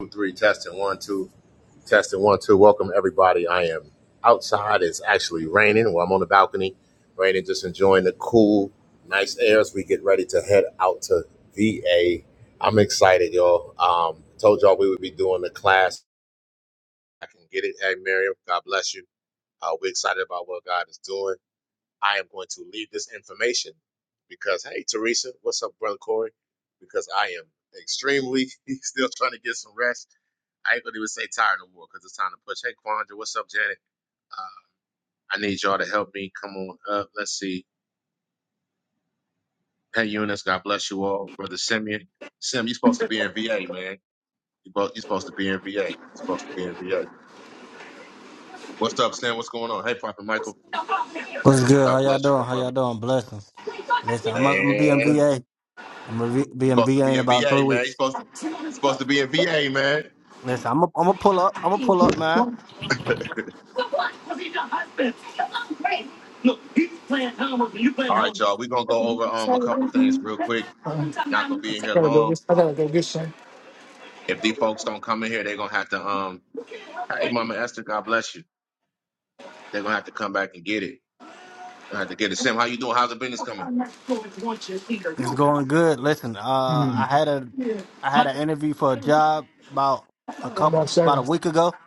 Two, three, testing one, two, testing one, two. Welcome everybody. I am outside. It's actually raining. Well, I'm on the balcony, raining, just enjoying the cool, nice air as we get ready to head out to VA. I'm excited, y'all. Um, told y'all we would be doing the class. I can get it. Hey, Miriam, God bless you. Uh, we're excited about what God is doing. I am going to leave this information because, hey, Teresa, what's up, brother Corey? Because I am extremely still trying to get some rest. I ain't gonna even say tired no more because it's time to push. Hey, Quandra, what's up, Janet? Uh, I need y'all to help me. Come on up. Let's see. Hey, Eunice, God bless you all. Brother Simeon, Sim, you supposed to be in VA, man. You both, you supposed to be in VA. you supposed to be in VA. What's up, Sam? What's going on? Hey, Prophet Michael, Look, What's good? How God y'all bless you, my doing? How y'all brother. doing? Blessings. Listen, I'm gonna be in Man, VA. I'm gonna be in supposed to VA be in in about three VA, man. You weeks. supposed supposed to be in VA, man. Listen, I'm gonna I'm gonna pull up. I'm gonna pull up, man. he's playing Howard, and you playing All right, Howard. y'all. We're gonna go Um, over um a I couple things real quick. Not gonna be in here gotta go long. get, I gotta go get some. If these folks don't come in here, they're gonna have to um hey Mama Esther, God bless you. They're gonna have to come back and get it. Gonna have to get it. Sim, how you doing? How's the business coming? It's going good. Listen, uh, I had a I had an interview for a job about a I'm couple on about a seven. week ago,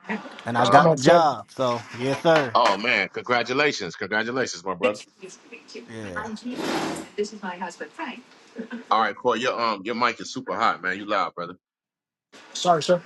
and I I'm got Uh on the seven. job. So yes, sir. oh man, congratulations. Congratulations, my brother. Yeah. All right, Corey, your um your mic is super hot, man. You loud, brother. Sorry, sir.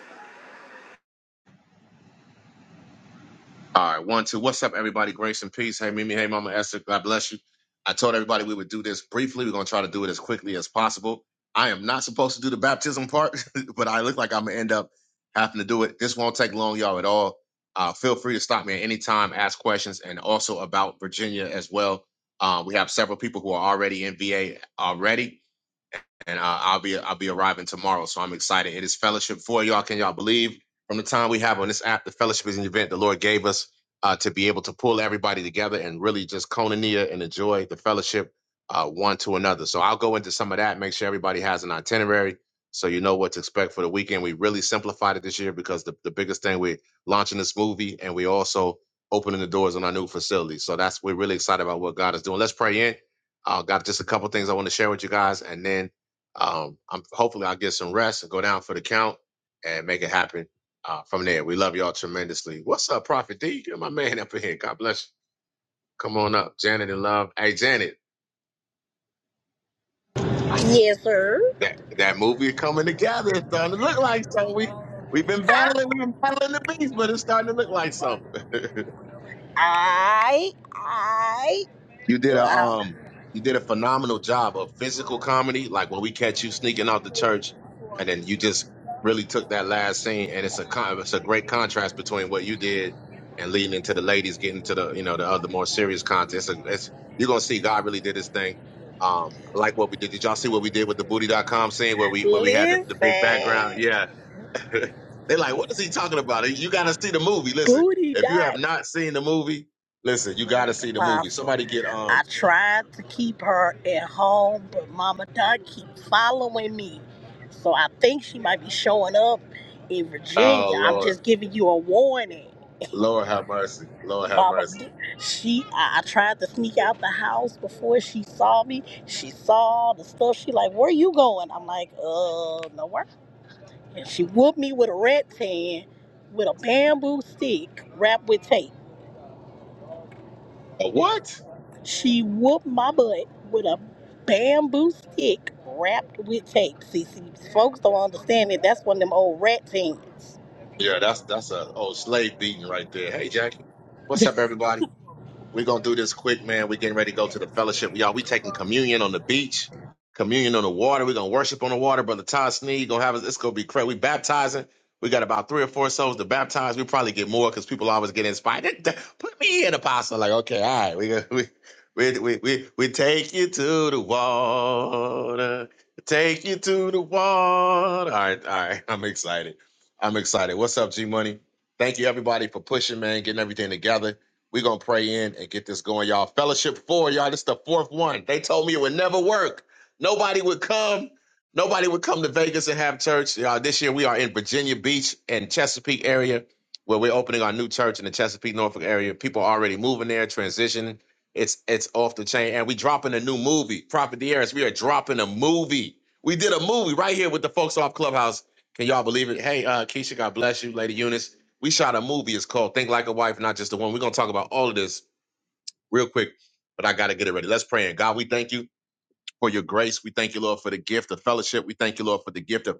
All right, one, two. What's up, everybody? Grace and peace. Hey, Mimi. Hey, Mama Esther. God bless you. I told everybody we would do this briefly. We're going to try to do it as quickly as possible. I am not supposed to do the baptism part, but I look like I'm going to end up having to do it. This won't take long, y'all, at all. Uh, feel free to stop me at any time, ask questions, and also about Virginia as well. Uh, we have several people who are already in VA already and uh, I'll be I'll be arriving tomorrow, so I'm excited. It is fellowship for y'all. Can y'all believe? From the time we have on this app, the fellowship is an event the Lord gave us uh, to be able to pull everybody together and really just conania and enjoy the fellowship uh, one to another. So I'll go into some of that. Make sure everybody has an itinerary so you know what to expect for the weekend. We really simplified it this year because the, the biggest thing we're launching this movie and we also opening the doors on our new facility. So that's we're really excited about what God is doing. Let's pray in. I Uh, got just a couple things I want to share with you guys, and then um, I'm hopefully I'll get some rest and go down for the count and make it happen uh, from there. We love y'all tremendously. What's up, Prophet D? Get my man up in here. God bless you. Come on up, Janet and Love. Hey, Janet, Yes, sir. that that movie coming together. It's starting to look like something. We we've been battling, we've been battling the beast, but it's starting to look like something. I, I, You did a well, um you did a phenomenal job of physical comedy, like when we catch you sneaking out the church and then you just really took that last scene and it's a con- it's a great contrast between what you did and leading into the ladies getting to the you know the other more serious content. It's, a, it's you're gonna see God really did his thing. Um I like what we did. Did y'all see what we did with the booty.com scene where we where we had the, listen, the big background? Yeah. they like, what is he talking about? You gotta see the movie. Listen, booty if you have dot. not seen the movie, listen, you gotta Look, see the movie. Apostle, Somebody get um I tried to keep her at home, but Mama Dot keeps following me. So I think she might be showing up in Oh Virginia. I'm Lord, just giving you a warning. Lord have mercy, Lord have Mama, mercy. she, I, I tried to sneak out the house before she saw me. She saw the stuff. She like, where you going? I'm like, uh, nowhere. And she whooped me with a rat tan with a bamboo stick wrapped with tape. A what? She whooped my butt with a bamboo stick wrapped with tape. See, see folks don't understand it. That's one of them old rat tans. Yeah, that's that's a old slave beating right there. Hey Jackie, what's up, everybody? We're gonna do this quick, man. We're getting ready to go to the fellowship. Y'all, we taking communion on the beach, communion on the water. We're gonna worship on the water. Brother Todd Sneed gonna have us, it's gonna be crazy. We baptizing. We got about three or four souls to baptize. We probably get more because people always get inspired. Th- th- Put me in apostle. Like, okay, all right, we gonna- we we we we, we take you to the water. Take you to the water. All right, all right. I'm excited. I'm excited. What's up, G Money? Thank you everybody for pushing, man, getting everything together. We're gonna pray in and get this going, y'all. Fellowship four, y'all. This is the fourth one. They told me it would never work. Nobody would come. Nobody would come to Vegas and have church. Y'all, this year we are in Virginia Beach and Chesapeake area, where we're opening our new church in the Chesapeake, Norfolk area. People are already moving there, transitioning. It's it's off the chain. And we dropping a new movie. Prophet Dieras, we are dropping a movie. We did a movie right here with the folks off Clubhouse. Can y'all believe it? Hey, uh, Keisha, God bless you, Lady Eunice. We shot a movie. It's called Think Like a Wife, Not Just a Woman. We're going to talk about all of this real quick, but I got to get it ready. Let's pray. And God, we thank you for your grace. We thank you, Lord, for the gift of fellowship. We thank you, Lord, for the gift of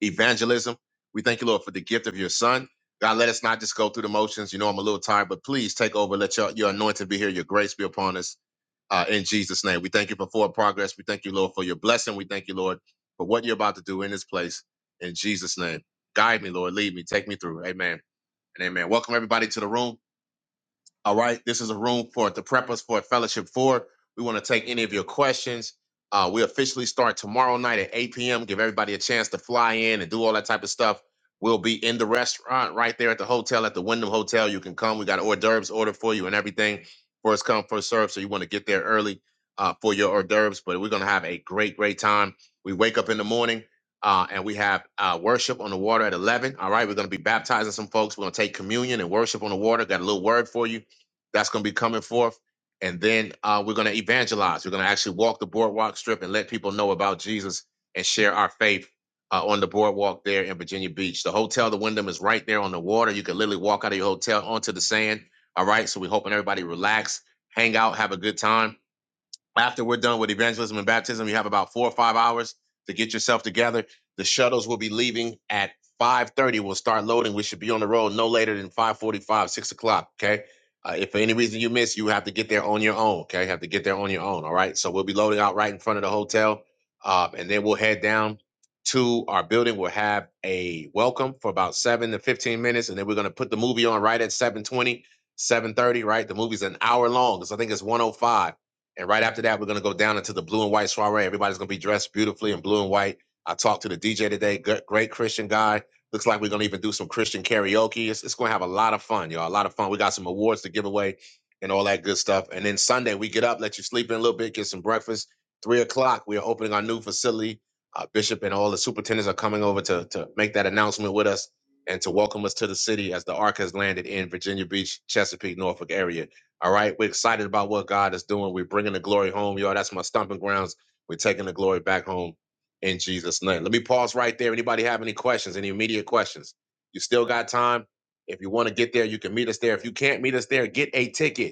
evangelism. We thank you, Lord, for the gift of your son. God, let us not just go through the motions. You know, I'm a little tired, but please take over. Let your, your anointing be here. Your grace be upon us. Uh, in Jesus' name, we thank you for forward progress. We thank you, Lord, for your blessing. We thank you, Lord, for what you're about to do in this place. In Jesus' name, guide me, Lord. Lead me. Take me through. Amen and amen. Welcome everybody to the room. All right. This is a room for the preppers for fellowship four. We want to take any of your questions. Uh, we officially start tomorrow night at 8 p.m. Give everybody a chance to fly in and do all that type of stuff. We'll be in the restaurant right there at the hotel, at the Wyndham Hotel. You can come. We got hors d'oeuvres ordered for you and everything. First come, first serve. So you want to get there early uh, for your hors d'oeuvres. But we're going to have a great, great time. We wake up in the morning uh, and we have uh, worship on the water at 11. All right. We're going to be baptizing some folks. We're going to take communion and worship on the water. Got a little word for you that's going to be coming forth. And then uh, we're going to evangelize. We're going to actually walk the boardwalk strip and let people know about Jesus and share our faith uh, on the boardwalk there in Virginia Beach. The hotel, the Wyndham, is right there on the water. You can literally walk out of your hotel onto the sand. All right. So we're hoping everybody relax, hang out, have a good time. After we're done with evangelism and baptism, you have about four or five hours to get yourself together. The shuttles will be leaving at 5.30. We'll start loading. We should be on the road no later than 5.45, 6 o'clock, okay? Uh, if for any reason you miss, you have to get there on your own, okay? You have to get there on your own, all right? So we'll be loading out right in front of the hotel, uh, and then we'll head down to our building. We'll have a welcome for about 7 to 15 minutes, and then we're going to put the movie on right at 7.20. 7.30 right the movie's an hour long because i think it's 105 and right after that, we're gonna go down into the blue and white soiree. Everybody's gonna be dressed beautifully in blue and white. I talked to the DJ today, good, great Christian guy. Looks like we're gonna even do some Christian karaoke. It's, it's gonna have a lot of fun, y'all. A lot of fun. We got some awards to give away and all that good stuff. And then Sunday, we get up, let you sleep in a little bit, get some breakfast. Three o'clock, we are opening our new facility. Uh, Bishop and all the superintendents are coming over to to make that announcement with us and to welcome us to the city as the ark has landed in Virginia Beach, Chesapeake, Norfolk area. All right. We're excited about what God is doing. We're bringing the glory home, y'all. That's my stomping grounds. We're taking the glory back home in Jesus' name. Let me pause right there. Anybody have any questions, any immediate questions? You still got time. If you want to get there, you can meet us there. If you can't meet us there, get a ticket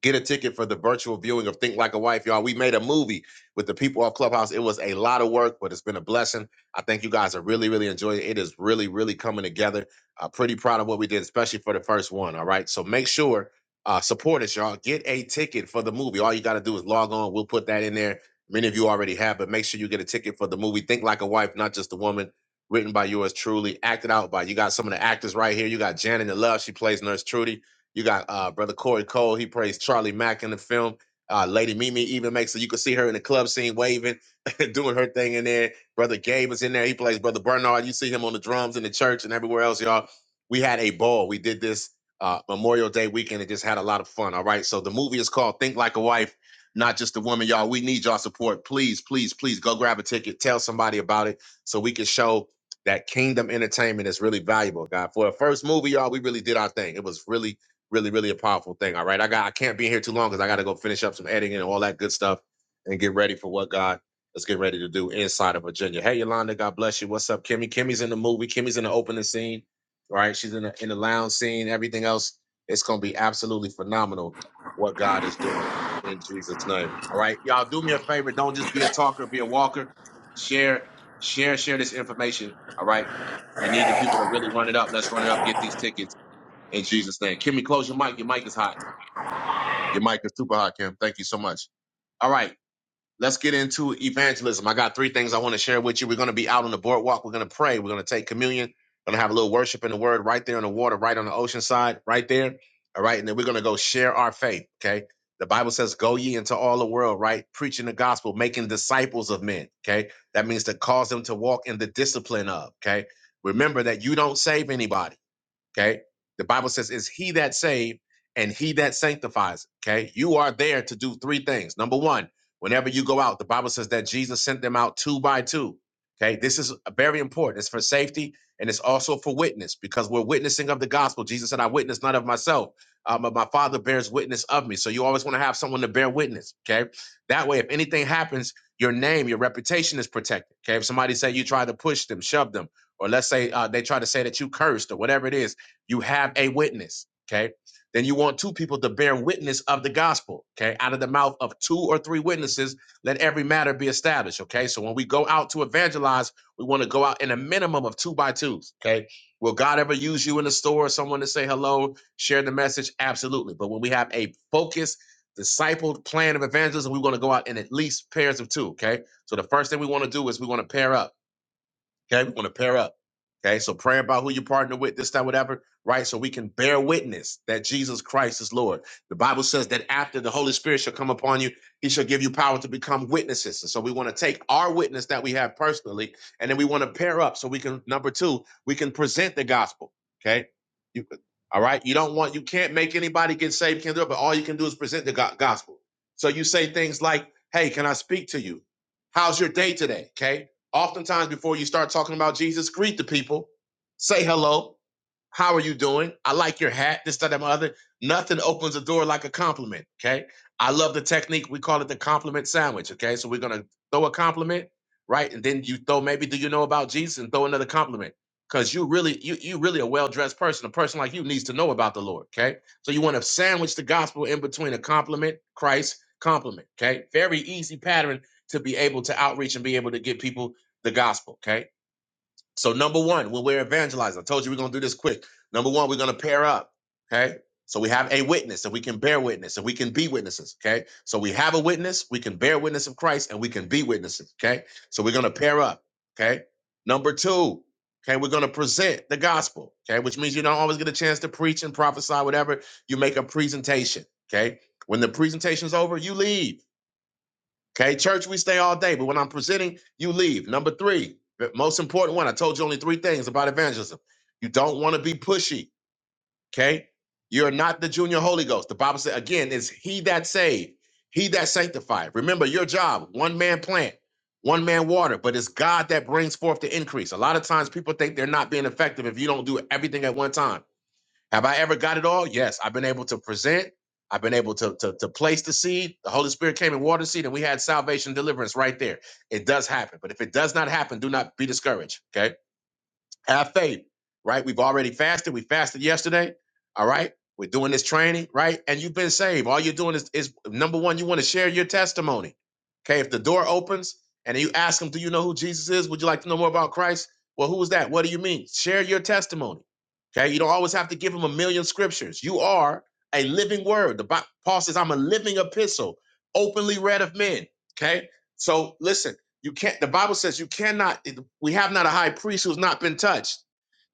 Get a ticket for the virtual viewing of Think Like a Wife, y'all. We made a movie with the people of Clubhouse. It was a lot of work, but it's been a blessing. I think you guys are really, really enjoying it. It is really, really coming together. Uh, pretty proud of what we did, especially for the first one. All right. So make sure, uh, support us, y'all. Get a ticket for the movie. All you got to do is log on. We'll put that in there. Many of you already have, but make sure you get a ticket for the movie Think Like a Wife, not just a woman. Written by yours truly, acted out by you got some of the actors right here. You got Janet in Love, she plays Nurse Trudy. You got uh, brother Corey Cole. He plays Charlie Mack in the film. Uh, Lady Mimi even makes it. You can see her in the club scene waving, doing her thing in there. Brother Gabe is in there. He plays brother Bernard. You see him on the drums in the church and everywhere else, y'all. We had a ball. We did this uh, Memorial Day weekend and just had a lot of fun. All right. So the movie is called Think Like a Wife, not just a woman, y'all. We need y'all support. Please, please, please go grab a ticket. Tell somebody about it so we can show that Kingdom Entertainment is really valuable, God. For a first movie, y'all, we really did our thing. It was really really, really a powerful thing. All right. I got I can't be here too long because I gotta go finish up some editing and all that good stuff and get ready for what God is getting ready to do inside of Virginia. Hey Yolanda, God bless you. What's up, Kimmy? Kimmy's in the movie, Kimmy's in the opening scene. All right. She's in the in the lounge scene, everything else. It's gonna be absolutely phenomenal what God is doing in Jesus' name. All right. Y'all do me a favor. Don't just be a talker, be a walker. Share, share, share this information. All right. We need the people to really run it up. Let's run it up. Get these tickets in Jesus' name. Kimmy, close your mic. Your mic is hot. Your mic is super hot, Kim. Thank you so much. All right, let's get into evangelism. I got three things I want to share with you. We're going to be out on the boardwalk. We're going to pray. We're going to take communion. We're going to have a little worship in the word right there on the water, right on the ocean side, right there. All right, and then we're going to go share our faith. Okay. The Bible says, Go ye into all the world, right? Preaching the gospel, making disciples of men. Okay. That means to cause them to walk in the discipline of. Okay. Remember that you don't save anybody. Okay. The Bible says, is he that saved and he that sanctifies. Okay. You are there to do three things. Number one, whenever you go out, the Bible says that Jesus sent them out two by two. Okay. This is very important. It's for safety and it's also for witness because we're witnessing of the gospel. Jesus said, I witness not of myself, uh, but my father bears witness of me. So you always want to have someone to bear witness. Okay. That way, if anything happens, your name, your reputation is protected. Okay. If somebody say you try to push them, shove them, or let's say uh, they try to say that you cursed or whatever it is, you have a witness. Okay. Then you want two people to bear witness of the gospel. Okay. Out of the mouth of two or three witnesses, let every matter be established. Okay. So when we go out to evangelize, we want to go out in a minimum of two by twos. Okay. Will God ever use you in the store, someone to say hello, share the message? Absolutely. But when we have a focused, discipled plan of evangelism, we want to go out in at least pairs of two. Okay. So the first thing we want to do is we want to pair up. Okay, we want to pair up. Okay, so pray about who you partner with, this, that, whatever, right? So we can bear witness that Jesus Christ is Lord. The Bible says that after the Holy Spirit shall come upon you, he shall give you power to become witnesses. And so we want to take our witness that we have personally, and then we want to pair up so we can, number two, we can present the gospel. Okay. You, all right. You don't want, you can't make anybody get saved, can't do it, but all you can do is present the go- gospel. So you say things like, hey, can I speak to you? How's your day today? Okay. Oftentimes, before you start talking about Jesus, greet the people, say hello, how are you doing? I like your hat, this, that, and other. Nothing opens the door like a compliment. Okay. I love the technique. We call it the compliment sandwich. Okay. So we're gonna throw a compliment, right? And then you throw maybe do you know about Jesus and throw another compliment. Cause you really, you you really a well-dressed person. A person like you needs to know about the Lord. Okay. So you want to sandwich the gospel in between a compliment, Christ, compliment. Okay. Very easy pattern to be able to outreach and be able to get people the gospel. Okay. So number one, when we're evangelizing, I told you we're gonna do this quick. Number one, we're gonna pair up. Okay. So we have a witness and we can bear witness and we can be witnesses. Okay. So we have a witness, we can bear witness of Christ, and we can be witnesses. Okay. So we're gonna pair up. Okay. Number two, okay, we're gonna present the gospel. Okay, which means you don't always get a chance to preach and prophesy, whatever. You make a presentation. Okay. When the presentation's over, you leave. Okay, church, we stay all day, but when I'm presenting, you leave. Number three, the most important one. I told you only three things about evangelism. You don't want to be pushy. Okay, you're not the junior Holy Ghost. The Bible said again, it's He that saved, He that sanctified. Remember your job: one man plant, one man water, but it's God that brings forth the increase. A lot of times, people think they're not being effective if you don't do everything at one time. Have I ever got it all? Yes. I've been able to present. I've been able to, to, to place the seed. The Holy Spirit came and watered the seed, and we had salvation deliverance right there. It does happen. But if it does not happen, do not be discouraged. Okay have faith, right? We've already fasted. We fasted yesterday. All right. We're doing this training, right? And you've been saved. All you're doing is, is number one, you want to share your testimony. Okay. If the door opens and you ask them, Do you know who Jesus is? Would you like to know more about Christ? Well, who is that? What do you mean? Share your testimony. Okay. You don't always have to give them a million scriptures. You are a living word. The Bi- Paul says, I'm a living epistle, openly read of men. Okay. So listen, you can't, the Bible says you cannot. We have not a high priest who's not been touched.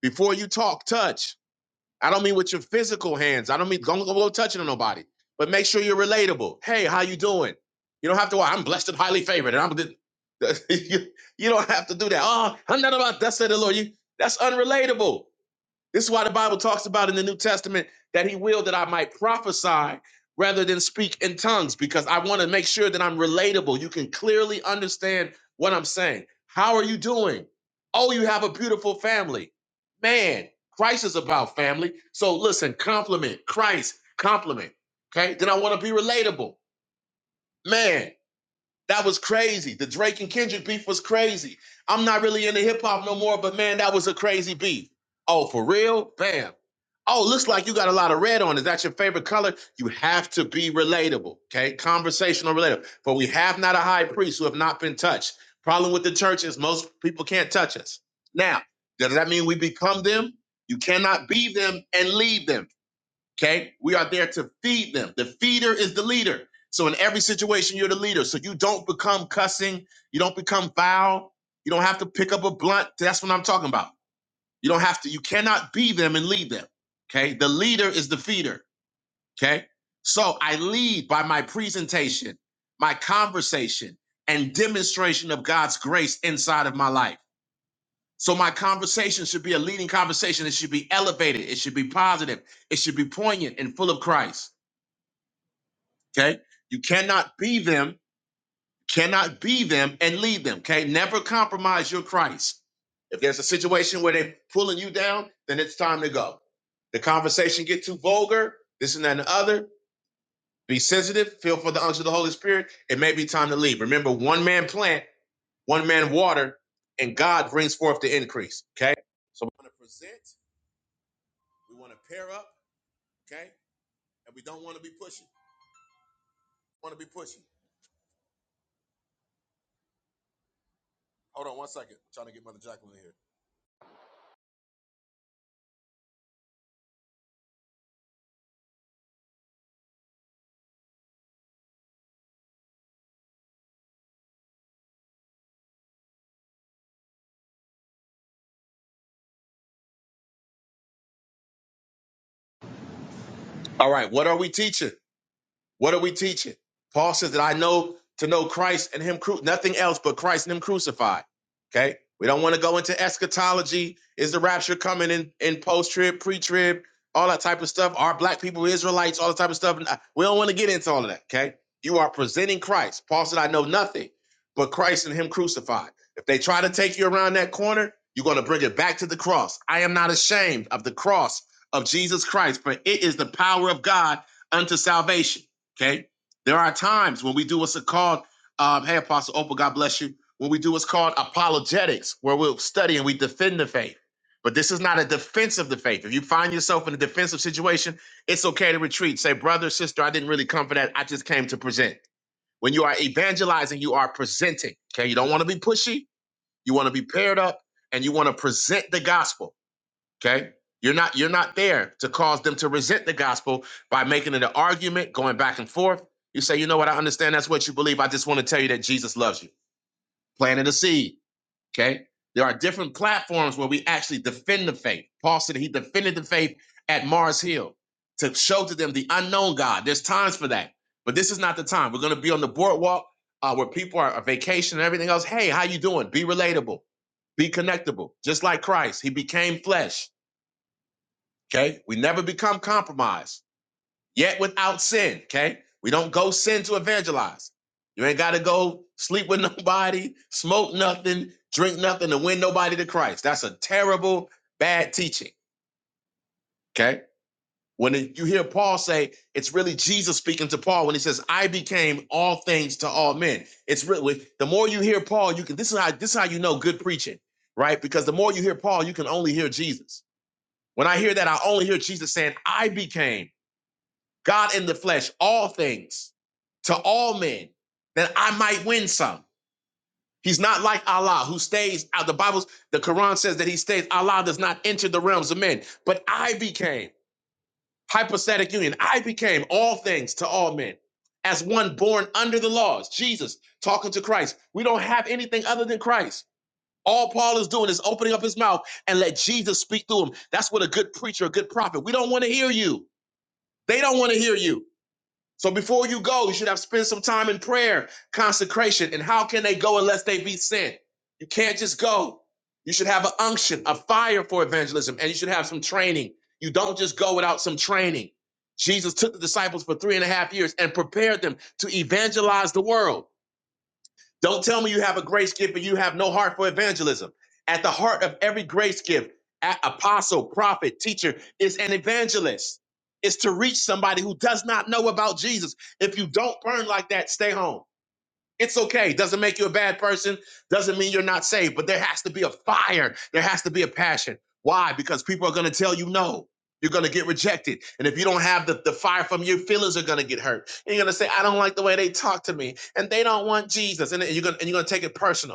Before you talk, touch. I don't mean with your physical hands. I don't mean don't go touching on nobody. But make sure you're relatable. Hey, how you doing? You don't have to. I'm blessed and highly favored, and I'm. the-" you, you don't have to do that. Oh, I'm not about that. Said the Lord. You, that's unrelatable. This is why the Bible talks about in the New Testament that he willed that I might prophesy rather than speak in tongues, because I want to make sure that I'm relatable. You can clearly understand what I'm saying. How are you doing? Oh, you have a beautiful family. Man, Christ is about family. So listen, compliment Christ, compliment. Okay. Then I want to be relatable. Man, that was crazy. The Drake and Kendrick beef was crazy. I'm not really into hip hop no more, but man, that was a crazy beef. Oh, for real? Bam. Oh, looks like you got a lot of red on. Is that your favorite color? You have to be relatable, okay? Conversational relatable. For we have not a high priest who have not been touched. Problem with the church is most people can't touch us. Now, does that mean we become them? You cannot be them and leave them. Okay. We are there to feed them. The feeder is the leader. So in every situation, you're the leader. So you don't become cussing. You don't become foul. You don't have to pick up a blunt. That's what I'm talking about. You don't have to, you cannot be them and lead them. Okay. The leader is the feeder. Okay. So I lead by my presentation, my conversation, and demonstration of God's grace inside of my life. So my conversation should be a leading conversation. It should be elevated. It should be positive. It should be poignant and full of Christ. Okay. You cannot be them, cannot be them and lead them. Okay. Never compromise your Christ. If there's a situation where they're pulling you down, then it's time to go. The conversation get too vulgar, this and that and the other. Be sensitive, feel for the unction of the Holy Spirit. It may be time to leave. Remember, one man plant, one man water, and God brings forth the increase. Okay. So we want to present, we want to pair up, okay? And we don't want to be pushy. Want to be pushy. Hold on one second. I'm trying to get Mother Jacqueline here. All right, what are we teaching? What are we teaching? Paul says that I know to know Christ and Him, cru- nothing else but Christ and Him crucified. Okay, we don't want to go into eschatology. Is the rapture coming in in post trib, pre trib, all that type of stuff? Are black people Israelites? All that type of stuff. Nah, We don't want to get into all of that. Okay, you are presenting Christ. Paul said, I know nothing but Christ and Him crucified. If they try to take you around that corner, you're going to bring it back to the cross. I am not ashamed of the cross of Jesus Christ, for it is the power of God unto salvation. Okay. There are times when we do what's called, um, hey, Apostle Opal, God bless you. When we do what's called apologetics, where we'll study and we defend the faith. But this is not a defense of the faith. If you find yourself in a defensive situation, it's okay to retreat. Say, brother, sister, I didn't really come for that. I just came to present. When you are evangelizing, you are presenting. Okay. You don't want to be pushy. You want to be paired up and you want to present the gospel. Okay. You're not you're not there to cause them to resent the gospel by making it an argument, going back and forth. You say, you know what, I understand that's what you believe. I just want to tell you that Jesus loves you. Planting a seed. Okay. There are different platforms where we actually defend the faith. Paul said he defended the faith at Mars Hill to show to them the unknown God. There's times for that. But this is not the time. We're going to be on the boardwalk uh, where people are, are vacation and everything else. Hey, how you doing? Be relatable. Be connectable. Just like Christ, he became flesh Okay. We never become compromised, yet without sin. Okay. We don't go sin to evangelize. You ain't got to go sleep with nobody, smoke nothing, drink nothing, and win nobody to Christ. That's a terrible, bad teaching. Okay. When it- you hear Paul say, it's really Jesus speaking to Paul when he says, I became all things to all men. It's really the more you hear Paul, you can this is how this is how you know good preaching, right? Because the more you hear Paul, you can only hear Jesus. When I hear that, I only hear Jesus saying, I became. God in the flesh, all things to all men, that I might win some. He's not like Allah who stays out. The Bible, the Quran says that he stays. Allah does not enter the realms of men. But I became, hypostatic union, I became all things to all men as one born under the laws. Jesus talking to Christ. We don't have anything other than Christ. All Paul is doing is opening up his mouth and let Jesus speak through him. That's what a good preacher, a good prophet. We don't want to hear you. They don't want to hear you. So before you go, you should have spent some time in prayer, consecration. And how can they go unless they be sent? You can't just go. You should have an unction, a fire for evangelism, and you should have some training. You don't just go without some training. Jesus took the disciples for three and a half years and prepared them to evangelize the world. Don't tell me you have a grace gift and you have no heart for evangelism. At the heart of every grace gift, a- apostle, prophet, teacher is an evangelist. It's to reach somebody who does not know about Jesus. If you don't burn like that, stay home. It's okay. Doesn't make you a bad person. Doesn't mean you're not saved. But there has to be a fire. There has to be a passion. Why? Because people are going to tell you no. You're going to get rejected. And if you don't have the, the fire from your feelings are going to get hurt. And you're going to say, I don't like the way they talk to me. And they don't want Jesus. And you're going, and you're going to take it personal.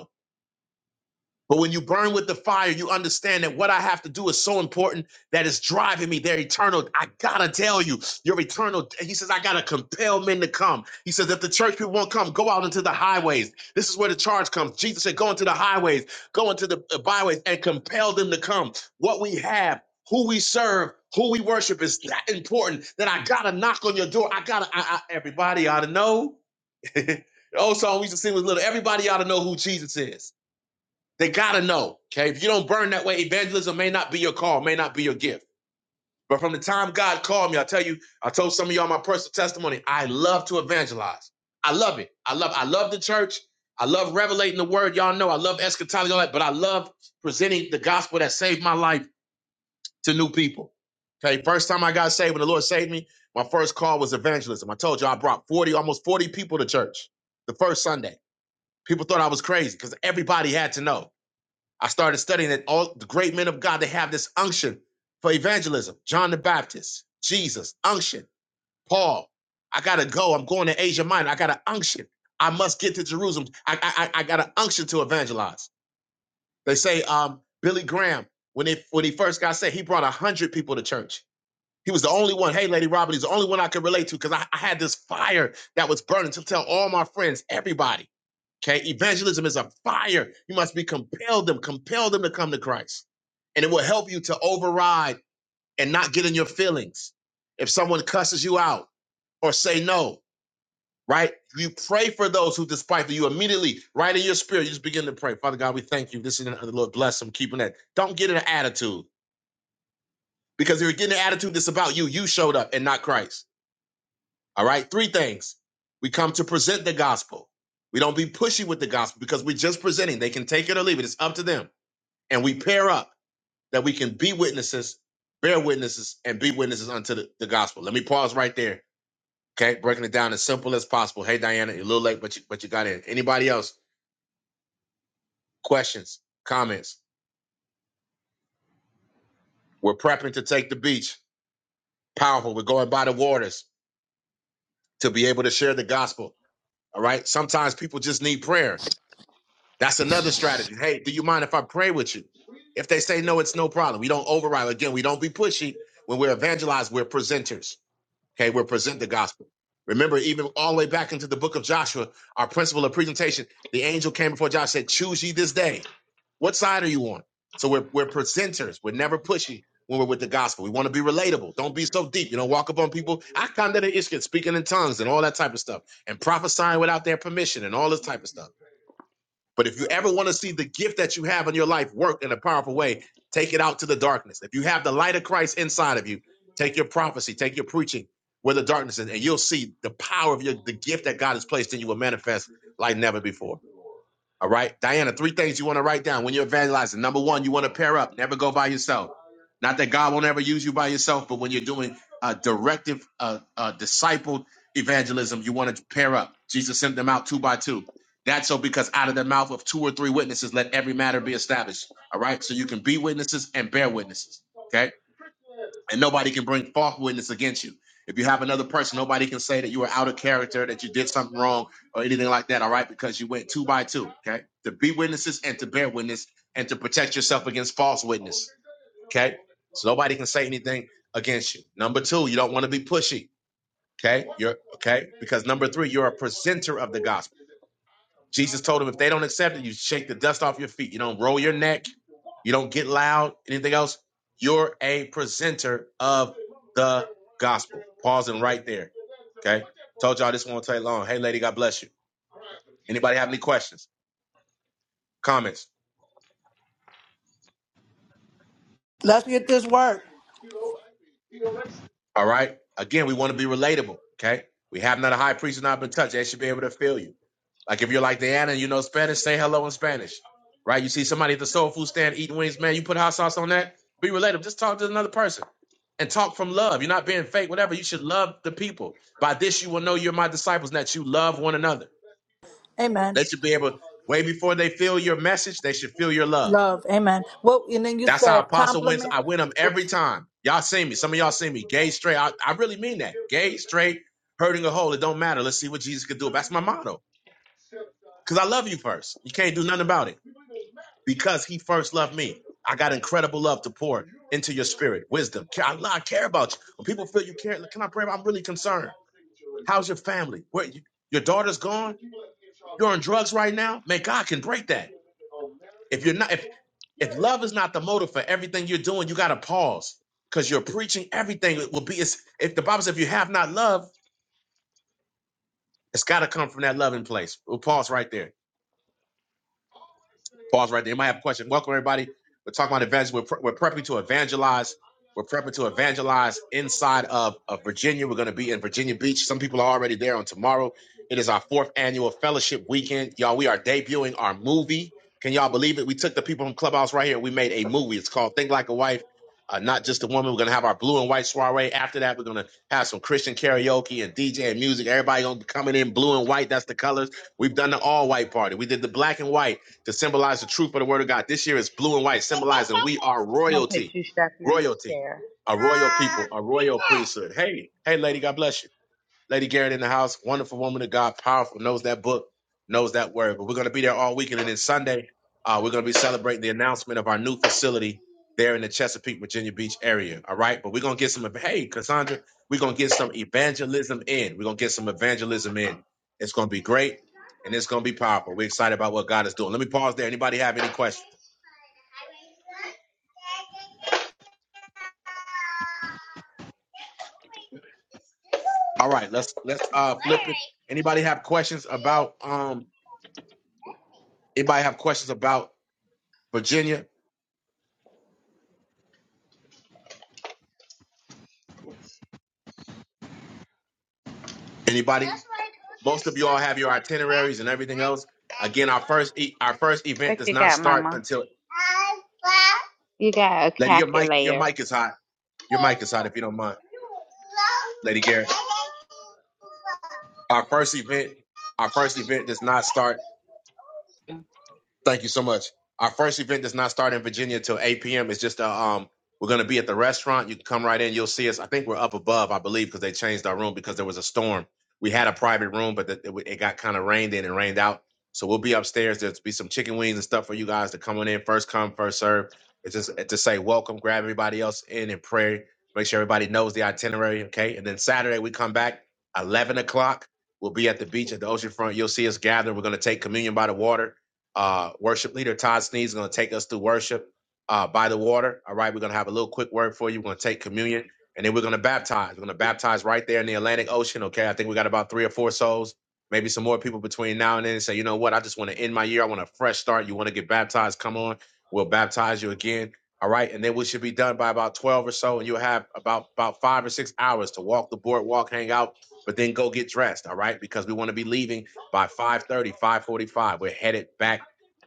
But when you burn with the fire, you understand that what I have to do is so important that it's driving me there eternal. I gotta tell you, your eternal. He says, I gotta compel men to come. He says, if the church people won't come, go out into the highways. This is where the charge comes. Jesus said, go into the highways, go into the uh, byways, and compel them to come. What we have, who we serve, who we worship is that important that I gotta knock on your door. I gotta. I, I, everybody ought to know. the old song we used to sing was little. Everybody ought to know who Jesus is. They gotta know. Okay. If you don't burn that way, evangelism may not be your call, may not be your gift. But from the time God called me, I tell you, I told some of y'all my personal testimony. I love to evangelize. I love it. I love, I love the church. I love revelating the word. Y'all know I love eschatology, all that, but I love presenting the gospel that saved my life to new people. Okay. First time I got saved when the Lord saved me, my first call was evangelism. I told you I brought 40, almost 40 people to church the first Sunday. People thought I was crazy because everybody had to know. I started studying that all the great men of God, they have this unction for evangelism. John the Baptist, Jesus, unction, Paul. I gotta go. I'm going to Asia Minor. I got an unction. I must get to Jerusalem. I I, I got an unction to evangelize. They say um, Billy Graham, when it when he first got saved, he brought a hundred people to church. He was the only one. Hey, Lady Robert, he's the only one I could relate to because I, I had this fire that was burning to tell all my friends, everybody. Okay, evangelism is a fire. You must be compelled them, compel them to come to Christ. And it will help you to override and not get in your feelings. If someone cusses you out or say no, right? You pray for those who despiteful you immediately, right in your spirit, you just begin to pray. Father God, we thank you. This is another Lord bless them, keeping that. Don't get in an attitude. Because if you're getting an attitude that's about you, you showed up and not Christ. All right. Three things. We come to present the gospel. We don't be pushy with the gospel because we're just presenting. They can take it or leave it. It's up to them. and we pair up that we can be witnesses, bear witnesses, and be witnesses unto the, the gospel. Let me pause right there. Okay, breaking it down as simple as possible. Hey Diana, you're a little late, but you but you got in. Anybody else? Questions, comments? We're prepping to take the beach. Powerful. We're going by the waters to be able to share the gospel. All right. Sometimes people just need prayer. That's another strategy. Hey, do you mind if I pray with you? If they say no, it's no problem. We don't override. Again, we don't be pushy. When we're evangelized, we're presenters. Okay, we'll present the gospel. Remember, even all the way back into the book of Joshua, our principle of presentation, the angel came before Joshua and said, Choose ye this day. What side are you on? So we're, we're presenters. We're never pushy when we're with the gospel. We want to be relatable. Don't be so deep. You know, walk up on people. I come to the issue speaking in tongues and all that type of stuff and prophesying without their permission and all this type of stuff. But if you ever want to see the gift that you have in your life work in a powerful way, take it out to the darkness. If you have the light of Christ inside of you, take your prophecy, take your preaching where the darkness is, and you'll see the power of your the gift that God has placed in you will manifest like never before. All right. Diana, three things you want to write down when you're evangelizing. Number one, you want to pair up, never go by yourself. Not that God won't ever use you by yourself, but when you're doing uh, directive, uh, uh, discipled evangelism, you want to pair up. Jesus sent them out two by two. That's so because out of the mouth of two or three witnesses, let every matter be established. All right. So you can be witnesses and bear witnesses. Okay and nobody can bring false witness against you. If you have another person, nobody can say that you were out of character, that you did something wrong, or anything like that. All right, because you went two by two. Okay, to be witnesses and to bear witness and to protect yourself against false witness. Okay, so nobody can say anything against you. Number two, you don't want to be pushy. Okay, you're okay because number three, you're a presenter of the gospel. Jesus told him, if they don't accept it, you shake the dust off your feet. You don't roll your neck. You don't get loud. Anything else? You're a presenter of the gospel. Pausing right there. Okay. Told y'all this won't take long. Hey, lady, God bless you. Anybody have any questions, comments? Let's get this work. All right. Again, we want to be relatable. Okay. We have not a high priest who's not been touched. They should be able to feel you. Like if you're like Diana and you know Spanish, say hello in Spanish. Right? You see somebody at the soul food stand eating wings, man, you put hot sauce on that, be relatable. Just talk to another person and talk from love. You're not being fake, whatever. You should love the people. By this you will know you're my disciples and that you love one another. Amen. They should be able, way before they feel your message, they should feel your love. Love. Amen. Well, and then you That's how said Apostle wins. compliment. I win them Oops. every time. Y'all see me. Some of y'all see me. Gay, straight. I, I really mean that. Gay, straight, hurting a hole. It don't matter. Let's see what Jesus could do. That's my motto. Because I love you first. You can't do nothing about it. Because he first loved me. I got incredible love to pour into your spirit. Wisdom. Care- I, I care about you. When people feel you care, can I pray? I'm really concerned. How's your family? Where you, your daughter's gone? You're on drugs right now? Man, God can break that. If you're not, if if love is not the motive for everything you're doing, you got to pause because you're preaching everything. It will be it's, if the Bible says if you have not love, it's got to come from that loving place. We'll pause right there. Pause right there. You might have a question. Welcome everybody. We're talking about evangel. We're, pre- we're prepping to evangelize. We're prepping to evangelize inside of, of Virginia. We're going to be in Virginia Beach. Some people are already there on tomorrow. It is our fourth annual fellowship weekend, y'all. We are debuting our movie. Can y'all believe it? We took the people from Clubhouse right here. We made a movie. It's called Think Like a Wife. Uh, not just a woman. We're gonna have our blue and white soiree. After that, we're gonna have some Christian karaoke and DJ and music. Everybody gonna be coming in blue and white. That's the colors. We've done the all white party. We did the black and white to symbolize the truth of the word of God. This year is blue and white, symbolizing we are royalty, royalty, a royal people, a royal priesthood. Hey, hey, lady, God bless you. Lady Garrett in the house, wonderful woman of God, powerful, knows that book, knows that word. But we're going to be there all weekend. And then Sunday, uh, we're going to be celebrating the announcement of our new facility there in the Chesapeake, Virginia Beach area. All right. But we're going to get some, hey, Cassandra, we're going to get some evangelism in. We're going to get some evangelism in. It's going to be great and it's going to be powerful. We're excited about what God is doing. Let me pause there. Anybody have any questions? All right. Let's, let's, uh, flip it. Anybody have questions about, um, anybody have questions about Virginia? Anybody? Most of you all have your itineraries and everything else. Again, our first e- our first event What does you not got, start Mama? until You got a Lady. Your mic your calculator. mic is hot. Your mic is hot if you don't mind, Lady Garrett. Our first event our first event does not start. Thank you so much. Our first event does not start in Virginia till 8 p.m. It's just a, um, we're going to be at the restaurant. You can come right in. You'll see us. I think we're up above, I believe, because they changed our room because there was a storm. We had a private room, but the, it, it got kind of rained in and rained out. So we'll be upstairs. There'll be some chicken wings and stuff for you guys to come on in. First come, first serve. It's just to say welcome, grab everybody else in and pray. Make sure everybody knows the itinerary, okay? And then Saturday we come back 11 o'clock. We'll be at the beach at the oceanfront. You'll see us gathering. We're going to take communion by the water. Uh, worship leader Todd Sneed is going to take us through worship uh, by the water. All right, we're going to have a little quick word for you. We're going to take communion and then we're going to baptize. We're going to baptize right there in the Atlantic Ocean. Okay, I think we got about three or four souls, maybe some more people between now and then. Say, you know what? I just want to end my year. I want a fresh start. You want to get baptized? Come on, we'll baptize you again. All right, and then we should be done by about twelve or so, and you'll have about about five or six hours to walk the boardwalk, hang out, but then go get dressed. All right, because we want to be leaving by five thirty, five forty-five. we're headed back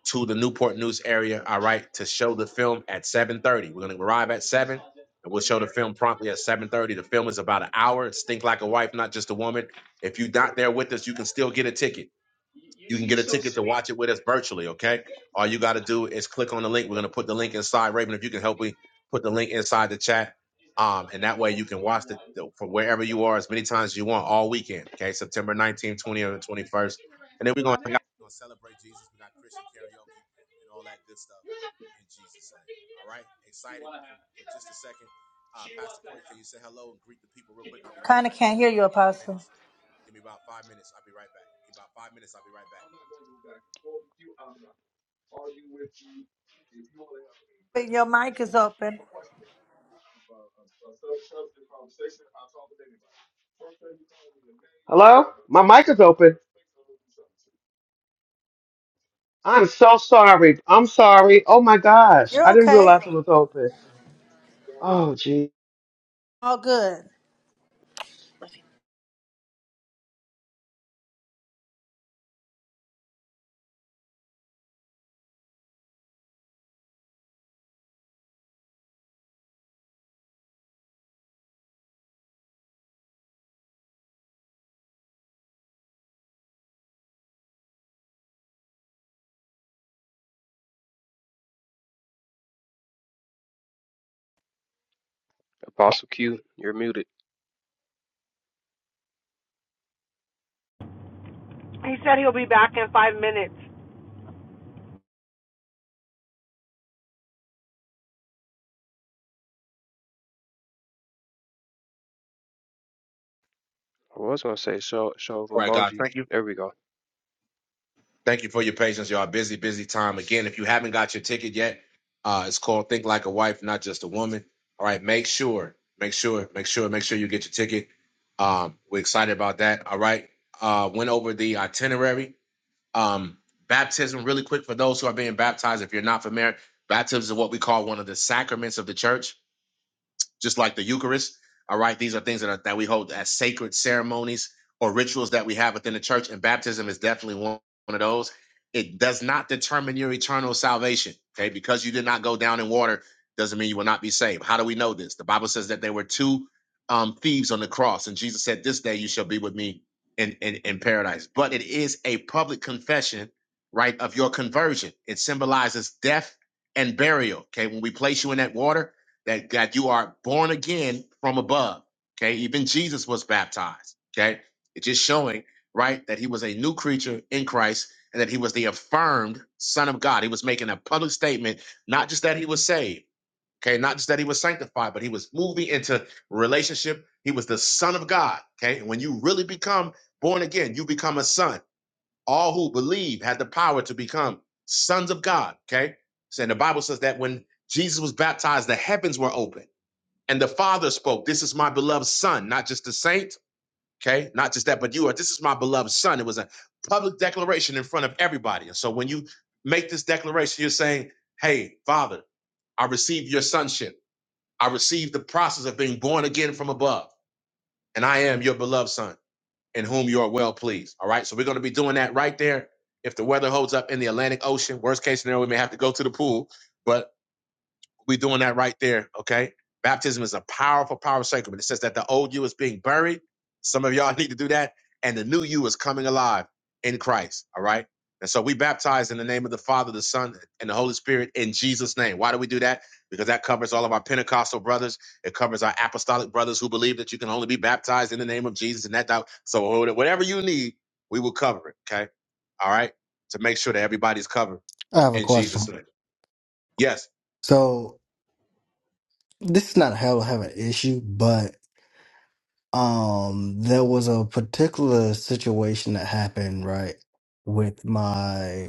to the Newport News area, all right, to show the film at 7:30. We're gonna arrive at 7 and we'll show the film promptly at 7:30. The film is about an hour. It's Think Like a Wife, Not Just a Woman. If you're not there with us, you can still get a ticket. You can get a ticket to watch it with us virtually, okay? All you got to do is click on the link. We're going to put the link inside. Raven, if you can help me put the link inside the chat. Um, and that way you can watch it from wherever you are as many times as you want all weekend, okay? September 19th, 20th, and 21st. And then we're going to celebrate Jesus. We got Christian karaoke and all that good stuff in Jesus' name. All right? Excited for, for just a second. Uh, Pastor Corey, can you say hello and greet the people real quick? I'll be right Kind of back. can't Just give hear me you, about five Apostle. minutes. Give me about five minutes. I'll be right back. Give me about five minutes. I'll be right back. But Your mic is open. Hello? My mic is open. I'm so sorry. I'm sorry. Oh my gosh. I You're didn't okay. realize it was open. Oh All good. Apostle Q, you're muted. He said he'll be back in five minutes. I was gonna say show show of All right, guys. emoji. Thank you. There we go. Thank you for your patience, y'all. Busy, busy time. Again, if you haven't got your ticket yet, uh, it's called Think Like a Wife, Not Just a Woman. All right, make sure, make sure, make sure, make sure you get your ticket. Um, we're excited about that. All right. Uh, went over the itinerary. Um, baptism, really quick for those who are being baptized. If you're not familiar, baptism is what we call one of the sacraments of the church just like the Eucharist. All right, these are things that are, that we hold as sacred ceremonies or rituals that we have within the church, and baptism is definitely one, one of those. It does not determine your eternal salvation. Okay, because you did not go down in water doesn't mean you will not be saved. How do we know this? The Bible says that there were two um, thieves on the cross, and Jesus said, "This day you shall be with me in, in in paradise." But it is a public confession, right, of your conversion. It symbolizes death and burial. Okay, when we place you in that water that that you are born again from above. Okay, even Jesus was baptized. Okay, it's just showing right that he was a new creature in Christ and that he was the affirmed Son of God. He was making a public statement, not just that he was saved. Okay, not just that he was sanctified, but he was moving into relationship. He was the Son of God. Okay, and when you really become born again, you become a son. All who believe had the power to become sons of God. Okay, so and the Bible says that when Jesus was baptized, the heavens were open and the Father spoke, This is my beloved Son, not just the saint, okay? Not just that, but you are, this is my beloved Son. It was a public declaration in front of everybody. And so when you make this declaration, you're saying, Hey, Father, I receive your sonship. I receive the process of being born again from above, and I am your beloved Son, in whom you are well pleased. All right, so we're gonna be doing that right there. If the weather holds up in the Atlantic Ocean, worst case scenario, we may have to go to the pool, but we're doing that right there, okay? Baptism is a powerful, powerful sacrament. It says that the old you is being buried. Some of y'all need to do that. And the new you is coming alive in Christ, all right? And so we baptize in the name of the Father, the Son, and the Holy Spirit in Jesus' name. Why do we do that? Because that covers all of our Pentecostal brothers. It covers our apostolic brothers who believe that you can only be baptized in the name of Jesus and that. that so whatever you need, we will cover it, okay? All right? To make sure that everybody's covered I have a in Jesus' question. name. Yes. So this is not a hell of an issue, but um, there was a particular situation that happened right with my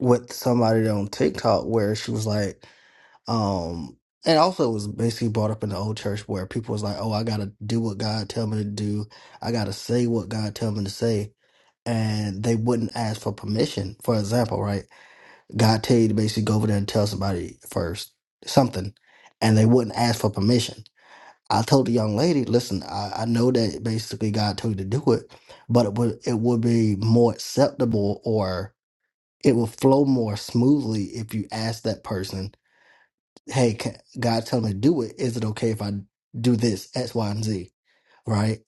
with somebody on TikTok where she was like, um, and also it was basically brought up in the old church where people was like, "Oh, I gotta do what God tell me to do. I gotta say what God tell me to say," and they wouldn't ask for permission. For example, right? God tell you to basically go over there and tell somebody first something, and they wouldn't ask for permission. I told the young lady, "Listen, I, I know that basically God told you to do it, but it would it would be more acceptable or." it will flow more smoothly if you ask that person, "Hey, ca- God, tell me to do it. Is it okay if I do this X, Y, and Z?" Right?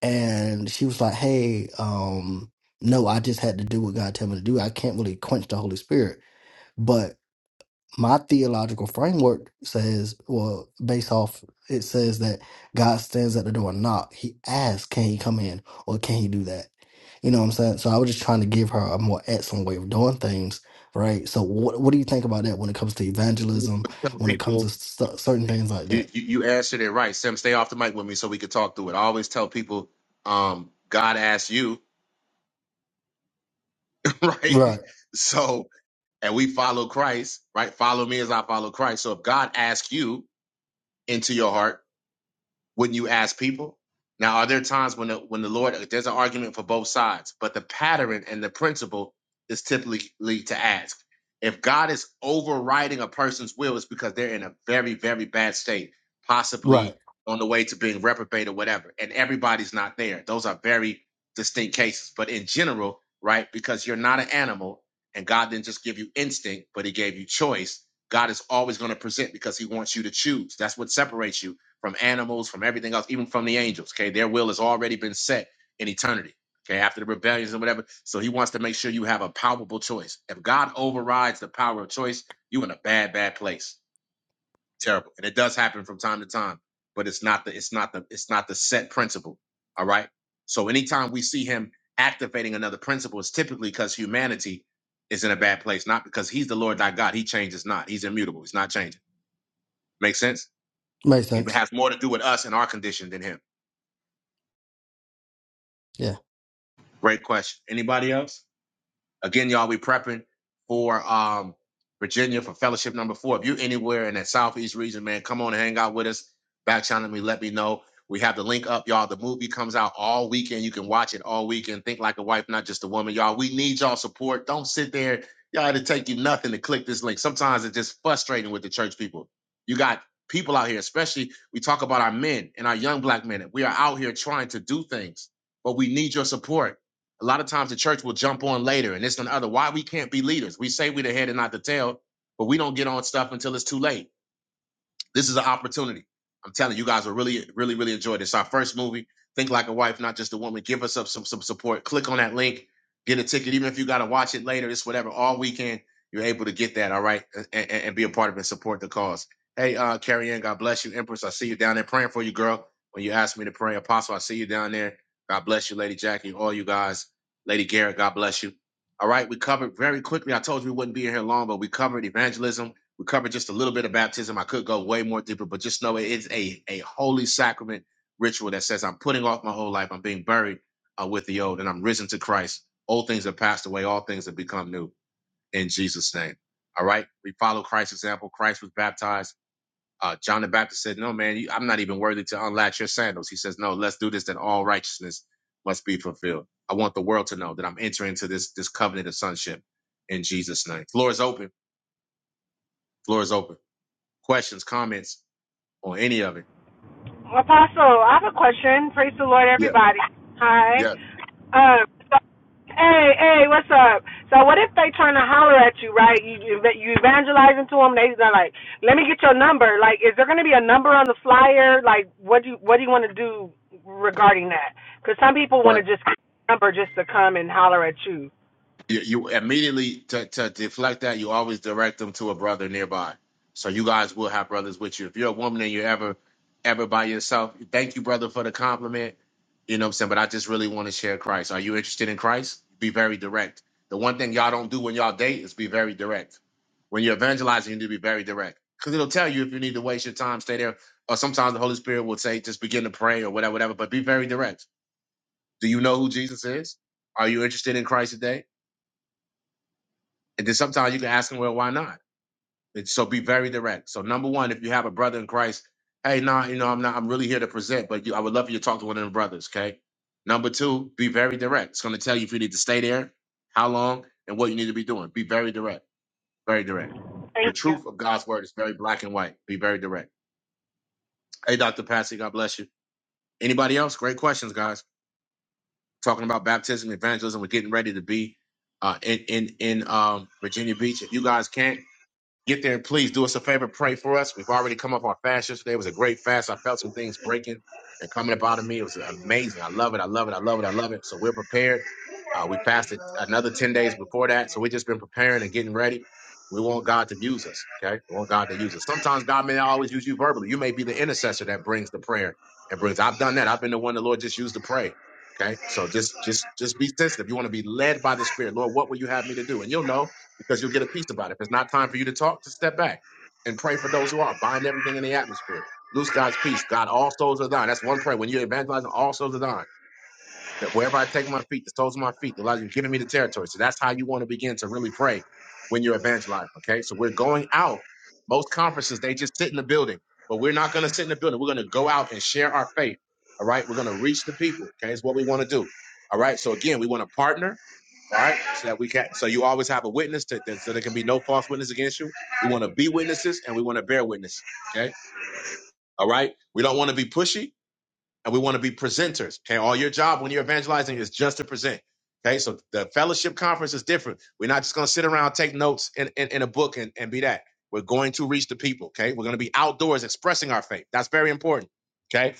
And she was like, "Hey, um, no, I just had to do what God told me to do. I can't really quench the Holy Spirit, but." my theological framework says, well, based off, it says that God stands at the door and knock. He asks, can he come in or can he do that? You know what I'm saying? So I was just trying to give her a more excellent way of doing things, right? So what what do you think about that when it comes to We evangelism, Tell when it comes people. to st- certain things like You, that? you you answered it right, Sim. Stay off the mic with me so we could talk through it. I always tell people, um, God asked you, right? Right, So, and we follow Christ, right? Follow me as I follow Christ. So, if God asks you into your heart, when you ask people. Now, are there times when the, when the Lord there's an argument for both sides, but the pattern and the principle is typically to ask. If God is overriding a person's will, it's because they're in a very very bad state, right. possibly on the way to being reprobate or whatever, and everybody's not there. Those are very distinct cases, but in general, right? Because you're not an animal, and God didn't just give you instinct, but He gave you choice. God is always going to present because He wants you to choose. That's what separates you from animals, from everything else, even from the angels. Okay, their will has already been set in eternity. Okay, after the rebellions and whatever. So he wants to make sure you have a palpable choice. If God overrides the power of choice, you in a bad, bad place. Terrible. And it does happen from time to time, but it's not the it's not the it's not the set principle. All right. So anytime we see him activating another principle, it's typically because humanity is in a bad place, not because he's the Lord thy God. He changes not. He's immutable. He's not changing. Make sense? Makes It sense. has more to do with us and our condition than him. Yeah. Great question. Anybody else? Again, y'all, we prepping for um, Virginia for fellowship number four. If you are anywhere in that southeast region, man, come on and hang out with us. Back channel me, let me know. We have the link up, y'all. The movie comes out all weekend. You can watch it all weekend. Think like a wife, not just a woman, y'all. We need y'all support. Don't sit there, y'all. It'll take you nothing to click this link. Sometimes it's just frustrating with the church people. You got people out here, especially we talk about our men and our young black men. We are out here trying to do things, but we need your support. A lot of times the church will jump on later and this and the other. Why we can't be leaders? We say we're the head and not the tail, but we don't get on stuff until it's too late. This is an opportunity. I'm telling you, you guys will really, really, really enjoy this. Our first movie, Think Like a Wife, Not Just a Woman. Give us up some some support. Click on that link, get a ticket, even if you got to watch it later. It's whatever. All weekend, you're able to get that. All right, and, and, and be a part of it and support the cause. Hey, uh, Carrie Ann, God bless you, Empress. I see you down there praying for you, girl. When you asked me to pray, Apostle, I see you down there. God bless you, Lady Jackie, all you guys. Lady Garrett, God bless you. All right, we covered very quickly. I told you we wouldn't be in here long, but we covered evangelism we covered just a little bit of baptism. I could go way more deeper, but just know it is a, a holy sacrament ritual that says I'm putting off my whole life. I'm being buried uh, with the old and I'm risen to Christ. Old things have passed away. All things have become new in Jesus' name. All right. We follow Christ's example. Christ was baptized. Uh, John the Baptist said, No, man, you, I'm not even worthy to unlatch your sandals. He says, No, let's do this, that all righteousness must be fulfilled. I want the world to know that I'm entering into this, this covenant of sonship in Jesus' name. Floor is open. Floor is open questions, comments, on any of it. Apostle, I have a question. Praise the Lord, Yeah, everybody. Hi. yeah, Um, so, hey, hey, what's up? So, what if they trying to holler at you, right? You you evangelizing to them. They, they're like, "Let me get your number." Like, is there going to be a number on the flyer? Like, what do you what do you want to do regarding that? Because some people want right. to just get a number just to come and holler at you. You, you immediately to, to deflect that, you always direct them to a brother nearby. So you guys will have brothers with you. If you're a woman and you're ever ever by yourself, thank you, brother, for the compliment. You know what I'm saying? But I just really want to share Christ. Are you interested in Christ? Be very direct. The one thing y'all don't do when y'all date is be very direct. When you're evangelizing, you need to be very direct. Because it'll tell you if you need to waste your time, stay there. Or sometimes the Holy Spirit will say, just begin to pray or whatever, whatever, but be very direct Do you know who Jesus is? Are you interested in Christ today? And then sometimes you can ask him, well, why not? And so be very direct. So number one, if you have a brother in Christ, hey, nah, you know, I'm not, I'm really here to present, but you, I would love for you to talk to one of the brothers, okay? Number two, be very direct. It's going to tell you if you need to stay there, how long, and what you need to be doing. Be very direct, very direct. The truth of God's word is very black and white. Be very direct. Hey, Dr. Patsy, God bless you. Anybody else? Great questions, guys. talking about baptism, evangelism. We're getting ready to be uh, in in in um, Virginia Beach. If you guys can't Get there and please do us a favor. Pray for us. We've already come up on fast yesterday. It was a great fast. I felt some things breaking and coming up out of me. It was amazing. I love it. I love it. I love it. I love it. So we're prepared. Uh, we fasted another 10 days before that. So we've just been preparing and getting ready. We want God to use us. Okay. We want God to use us. Sometimes God may not always use you verbally. You may be the intercessor that brings the prayer and brings. I've done that. I've been the one the Lord just used to pray. Okay. So just, just, just be sensitive. You want to be led by the Spirit. Lord, what will you have me to do? And you'll know because you'll get a peace about it. If it's not time for you to talk, just step back and pray for those who are. Bind everything in the atmosphere. Loose God's peace. God, all souls are thine. That's one prayer. When you're evangelizing, all souls are thine that wherever I take my feet, the soles of my feet, the Lord is giving me the territory. So that's how you want to begin to really pray when you're evangelizing. Okay. So we're going out. Most conferences, they just sit in the building, but we're not going to sit in the building. We're going to go out and share our faith. All right. We're going to reach the people. Okay. It's what we want to do. All right. So again, we want to partner. All right. So that we can, so you always have a witness to, that, so there can be no false witness against you. We want to be witnesses and we want to bear witness. Okay. All right. We don't want to be pushy and we want to be presenters. Okay, all your job when you're evangelizing is just to present. Okay, so the fellowship conference is different. We're not just going to sit around, take notes in, in, in a book, and, and be that. We're going to reach the people. Okay, we're going to be outdoors expressing our faith. That's very important. Okay,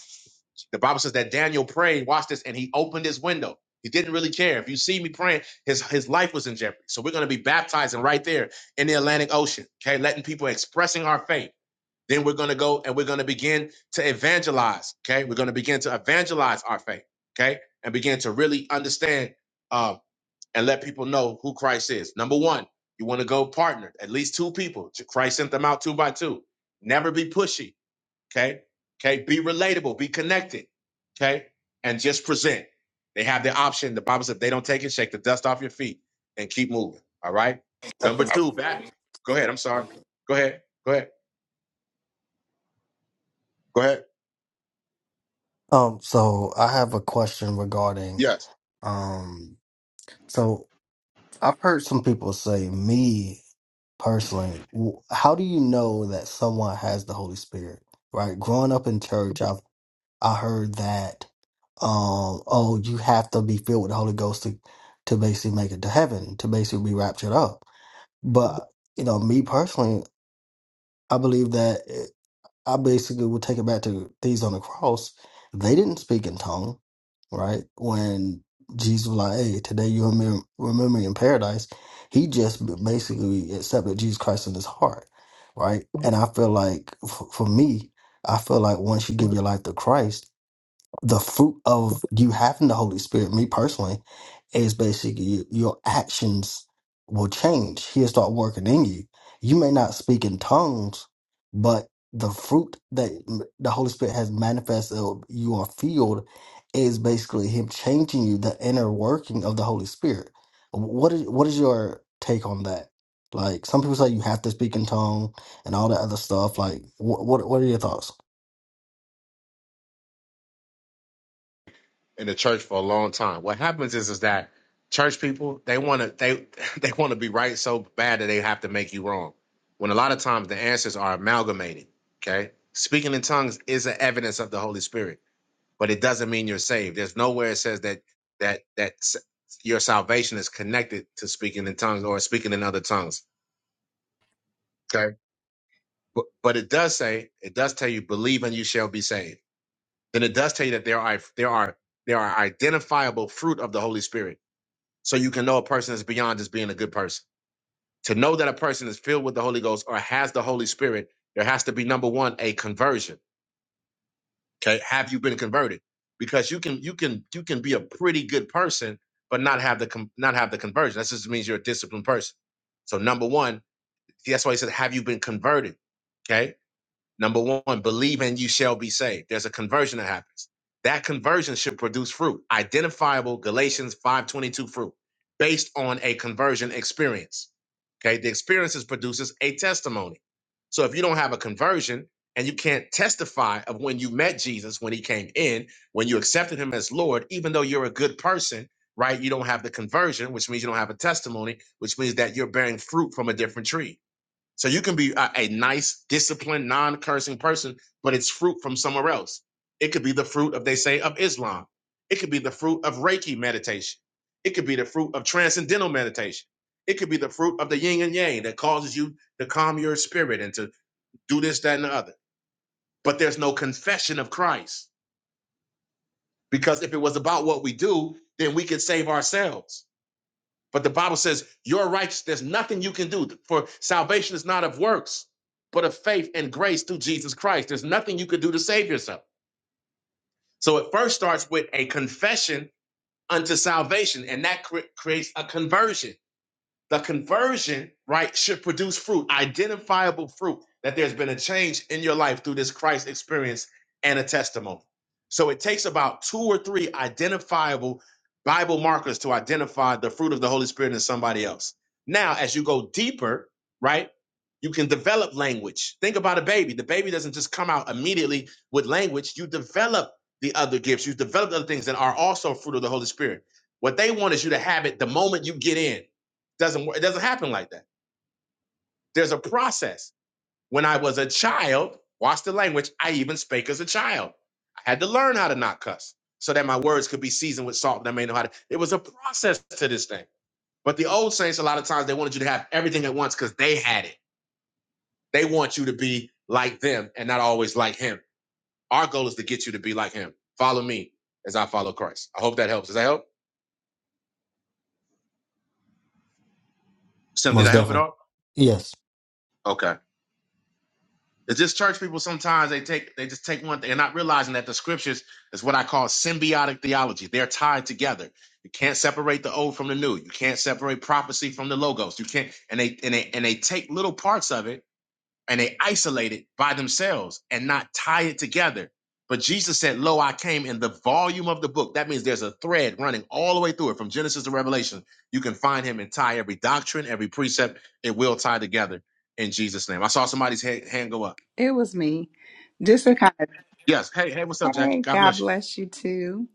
the Bible says that Daniel prayed, watch this, and he opened his window. He didn't really care. If you see me praying, his, his life was in jeopardy. So we're going to be baptizing right there in the Atlantic Ocean. Okay, letting people expressing our faith. Then we're going to go and we're going to begin to evangelize. Okay. We're going to begin to evangelize our faith. Okay. And begin to really understand um, and let people know who Christ is. Number one, you want to go partner, at least two people. To Christ sent them out two by two. Never be pushy. Okay. Okay. Be relatable, be connected. Okay. And just present. They have the option. The Bible said if they don't take it, shake the dust off your feet and keep moving. All right. Number two, back. Go ahead. I'm sorry. Go ahead. Go ahead. Go ahead. Um, so I have a question regarding Yes. um, so I've heard some people say, me personally, w- how do you know that someone has the Holy Spirit? Right? Growing up in church, I've I heard that, um, oh, you have to be filled with the Holy Ghost to, to basically make it to heaven, to basically be raptured up. But you know, me personally, I believe that. I basically would take it back to things on the cross. They didn't speak in tongue, right? When Jesus was like, "Hey, today you remember, remember me in paradise," he just basically accepted Jesus Christ in his heart, right? And I feel like, f- for me, I feel like once you give your life to Christ the fruit of you having the Holy Spirit, me personally, is basically you- your actions will change. He'll start working in you. You may not speak in tongues, but the fruit that m- the Holy Spirit has manifested, or you are filled, is basically Him changing you, the inner working of the Holy Spirit. What is what is your take on that? Like some people say, you have to speak in tongue and all that other stuff. Like, what what, what are your thoughts? in the church for a long time. What happens is is that church people they want to they they want to be right so bad that they have to make you wrong. When a lot of times the answers are amalgamated. Okay, speaking in tongues is an evidence of the Holy Spirit, but it doesn't mean you're saved. There's nowhere it says that that that s- your salvation is connected to speaking in tongues or speaking in other tongues. Okay, but, but it does say it does tell you believe and you shall be saved. Then it does tell you that there are there are there are identifiable fruit of the Holy Spirit so you can know a person is beyond just being a good person. To know that a person is filled with the Holy Ghost or has the Holy Spirit, there has to be number one a conversion. Okay, have you been converted? Because you can you can you can be a pretty good person but not have the con- not have the conversion. That just means you're a disciplined person. So number one, that's why he said, have you been converted? Okay, Number one, believe and you shall be saved. There's a conversion that happens. That conversion should produce fruit, identifiable Galatians 5:22 fruit, based on a conversion experience. Okay, the experience is produces a testimony. So if you don't have a conversion and you can't testify of when you met Jesus, when he came in, when you accepted him as Lord, even though you're a good person, right? You don't have the conversion, which means you don't have a testimony, which means that you're bearing fruit from a different tree so you can be a, a nice, disciplined, non-cursing person, but it's fruit from somewhere else. It could be the fruit of they say of Islam. It could be the fruit of Reiki meditation. It could be the fruit of transcendental meditation. It could be the fruit of the yin and yang that causes you to calm your spirit and to do this, that, and the other. But there's no confession of Christ. Because if it was about what we do, then we could save ourselves. But the Bible says, You're righteous. There's nothing you can do. For salvation is not of works, but of faith and grace through Jesus Christ. There's nothing you could do to save yourself. So it first starts with a confession unto salvation, and that cre- creates a conversion. The conversion, right, should produce fruit, identifiable fruit, that there's been a change in your life through this Christ experience and a testimony. So it takes about two or three identifiable Bible markers to identify the fruit of the Holy Spirit in somebody else. Now, as you go deeper, right, you can develop language. Think about a baby. The baby doesn't just come out immediately with language, you develop the other gifts, you develop the other things that are also fruit of the Holy Spirit. What they want is you to have it the moment you get in. Doesn't work. It doesn't happen like that. There's a process. When I was a child, watch the language. I even spake as a child. I had to learn how to not cuss so that my words could be seasoned with salt. And I may know how to. It was a process to this thing. But the old saints, a lot of times, they wanted you to have everything at once because they had it. They want you to be like them and not always like him. Our goal is to get you to be like him. Follow me as I follow Christ. I hope that helps. Does that help? Sim, did I Most help at definitely, all? yes. Okay. It's just church people sometimes they take they just take one thing and not realizing that the scriptures is what I call symbiotic theology. They're tied together. You can't separate the old from the new. You can't separate prophecy from the logos. You can't and they and they and they take little parts of it and they isolate it by themselves and not tie it together. But Jesus said, Lo, I came in the volume of the book. That means there's a thread running all the way through it from Genesis to Revelation. You can find him and tie every doctrine, every precept, it will tie together in Jesus' name. I saw somebody's ha- hand go up. It was me. Just to kind of, Hey, hey, what's up, Jackie? hey, God God bless you. bless you too.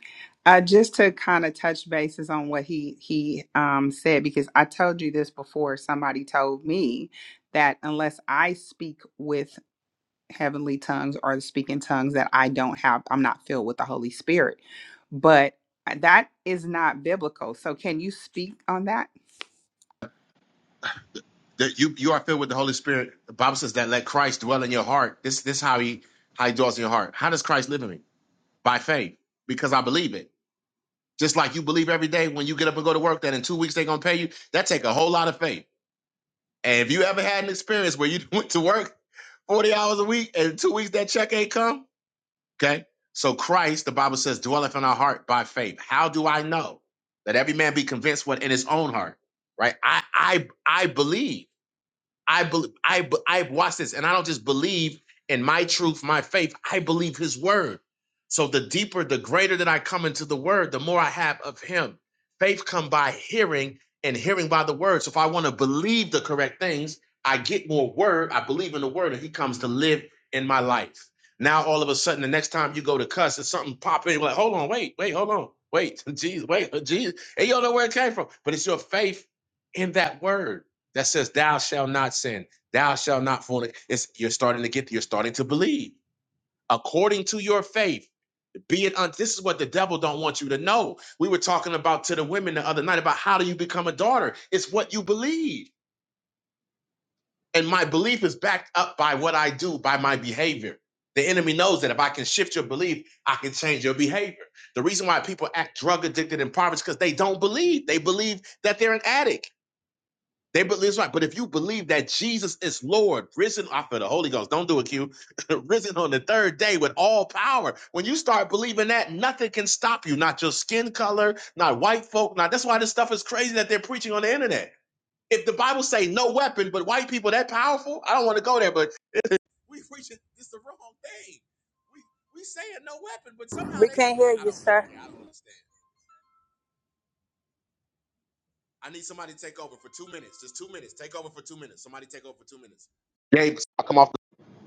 Uh, just to kind of touch bases on what he he um, said, because I told you this before. Somebody told me that unless I speak with heavenly tongues or speak in tongues, that I don't have, I'm not filled with the Holy Spirit. But uh, that is not biblical. So can you speak on that? That you you are filled with the Holy Spirit. The Bible says that let Christ dwell in your heart. This this how he how he dwells in your heart. How does Christ live in me? By faith, because I believe it. Just like you believe every day when you get up and go to work that in two weeks they're gonna pay you. That take a whole lot of faith. And if you ever had an experience where you went to work forty hours a week and in two weeks that check ain't come, okay? So Christ, the Bible says, dwelleth in our heart by faith. How do I know? Let every man be convinced what in his own heart, right? I I I believe. I believe I I watch this, and I don't just believe in my truth, my faith. I believe His word. So the deeper, the greater that I come into the word, the more I have of Him. Faith come by hearing, and hearing by the word. So if I want to believe the correct things, I get more word. I believe in the word, and He comes to live in my life. Now all of a sudden, the next time you go to cuss, and something pop in, you're like, hold on, wait, wait, hold on, wait, Jesus, wait, Jesus, and you don't know where it came from, but it's your faith in that word that says thou shall not sin thou shall not fornicate it's you're starting to get you're starting to believe according to your faith be it un- this is what the devil don't want you to know we were talking about to the women the other night about how do you become a daughter it's what you believe and my belief is backed up by what i do by my behavior the enemy knows that if i can shift your belief i can change your behavior the reason why people act drug addicted and impoverished because they don't believe they believe that they're an addict They believe it's right. But if you believe that Jesus is Lord, risen off of the Holy Ghost, don't do a Q, risen on the third day with all power. When you start believing that, nothing can stop you. Not your skin color, not white folk. Not that's why this stuff is crazy that they're preaching on the internet. If the Bible say no weapon, but white people that powerful, I don't want to go there. But we preaching this the wrong thing. We we saying no weapon, but somehow We they. can't hear I you, don't. sir. Okay, I don't understand. I need somebody to take over for two minutes. Just two minutes. Take over for two minutes. Somebody take over for two minutes. Gabe, i come off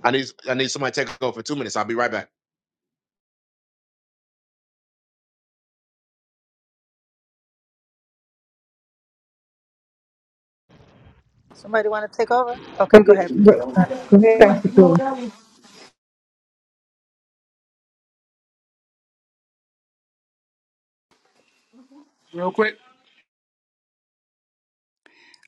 I need I need somebody to take over for two minutes. I'll be right back. Somebody want to take over? Okay, But, go ahead. but Doctor. go ahead, Pastor Corey.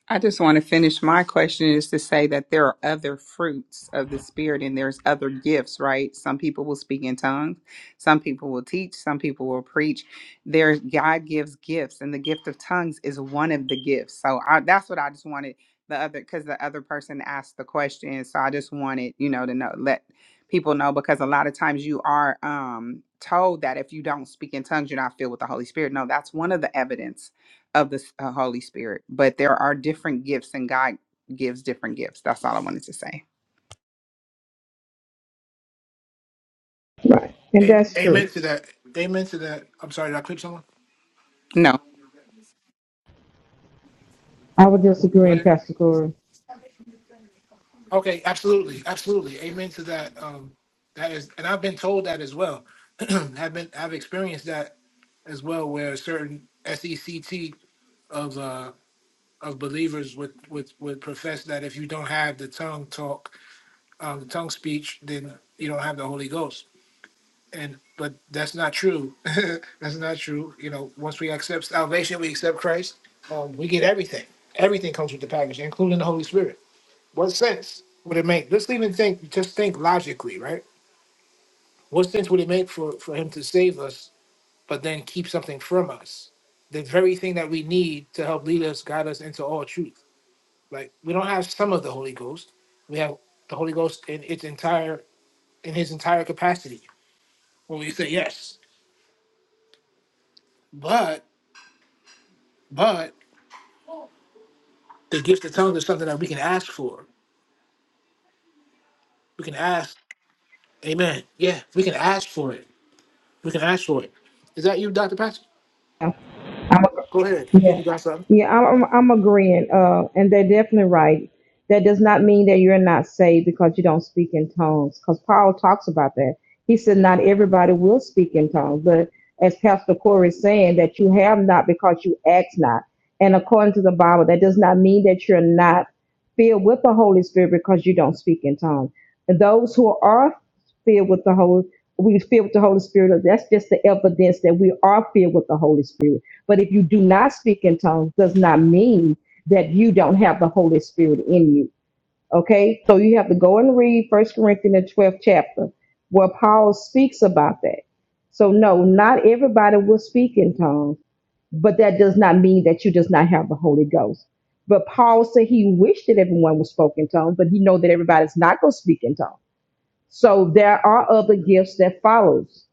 I just want to finish my question is to say that there are other fruits of the spirit and there's other gifts, right? Some people will speak in tongues, some people will teach, some people will preach. There's God gives gifts and the gift of tongues is one of the gifts. So I, that's what I just wanted the other cuz the other person asked the question, so I just wanted, you know, to know let people know because a lot of times you are um told that if you don't speak in tongues you're not filled with the Holy Spirit. No, that's one of the evidence of the uh, Holy Spirit, but there are different gifts, and God gives different gifts. That's all I wanted to say. Right. And Amen, that's true. amen to that. Amen to that. I'm sorry, did I clip someone? No, I would Go disagree, ahead. Pastor Corey. Okay, absolutely, absolutely. Amen to that. Um, that is, and I've been told that as well. I've been, I've experienced that as well, where a certain sect of uh of believers would would would profess that if you don't have the tongue talk, um, the tongue speech, then you don't have the Holy Ghost. And but that's not true. that's not true. You know, once we accept salvation, we accept Christ. Um, we get everything. Everything comes with the package, including the Holy Spirit. What sense would it make? Just even think, just think logically, right? What sense would it make for, for him to save us, but then keep something from us? The very thing that we need to help lead us, guide us into all truth. Like we don't have some of the Holy Ghost. We have the Holy Ghost in its entire in his entire capacity. When we say yes. But but the gift of tongues is something that we can ask for. We can ask, Amen. Yeah, we can ask for it. We can ask for it. Is that you, Dr. Patrick? I'm a, Go ahead. I think yeah, you got something. yeah. I'm I'm, I'm agreeing. Uh, and they're definitely right. That does not mean that you're not saved because you don't speak in tongues. Because Paul talks about that. He said not everybody will speak in tongues, but as Pastor Corey is saying, that you have not because you ask not. And according to the Bible, that does not mean that you're not filled with the Holy Spirit because you don't speak in tongues. And those who are filled with the Holy, we filled with the Holy Spirit. That's just the evidence that we are filled with the Holy Spirit but if you do not speak in tongues, does not mean that you don't have the Holy Spirit in you. Okay? So you have to go and read First Corinthians twelfth chapter where Paul speaks about that. So no, not everybody will speak in tongues, but that does not mean that you does not have the Holy Ghost. But Paul said he wished that everyone was spoke in tongues, but he know that everybody's not going to speak in tongues. So there are other gifts that follows.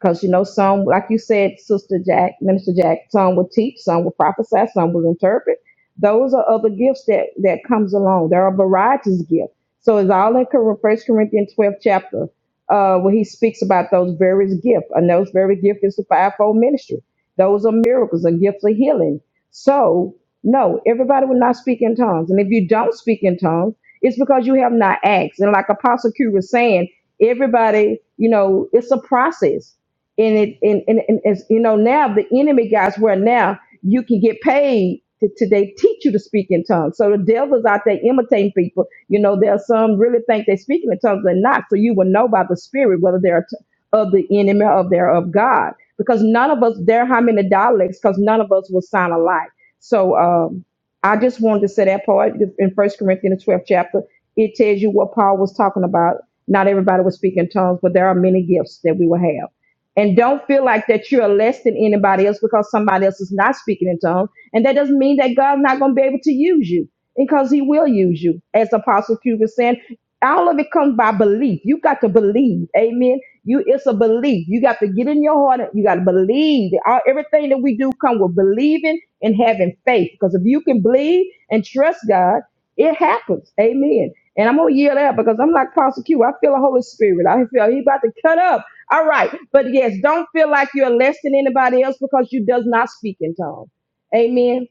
Because you know, some like you said, Sister Jack, Minister Jack, some will teach, some will prophesy, some will interpret. Those are other gifts that that comes along. There are varieties of gifts. So it's all in Cor- First Corinthians 12 chapter, uh, where he speaks about those various gifts. And those very gifts is the fivefold ministry. Those are miracles and gifts of healing. So no, everybody will not speak in tongues. And if you don't speak in tongues, it's because you have not asked. And like Apostle Q was saying, everybody, you know, it's a process and it and, and, and as you know now the enemy guys where now you can get paid to, to they teach you to speak in tongues so the devil's out there imitating people you know there are some really think they're speaking in tongues they're not so you will know by the spirit whether they're t- of the enemy or they're of god because none of us there are how many dialects because none of us will sound alike so um i just wanted to say that part in first corinthians 12 chapter it tells you what paul was talking about not everybody was speaking in tongues but there are many gifts that we will have and don't feel like that you are less than anybody else because somebody else is not speaking in tongues. And that doesn't mean that God's not going to be able to use you because he will use you. As Apostle Cuba said, all of it comes by belief. You got to believe. Amen. You it's a belief. You got to get in your heart. and You got to believe. All, everything that we do come with believing and having faith. Because if you can believe and trust God, it happens. Amen. And I'm gonna yell out because I'm like Apostle Q. I feel the Holy Spirit. I feel he about to cut up. All right. But yes, don't feel like you're less than anybody else because you does not speak in tongues. Amen.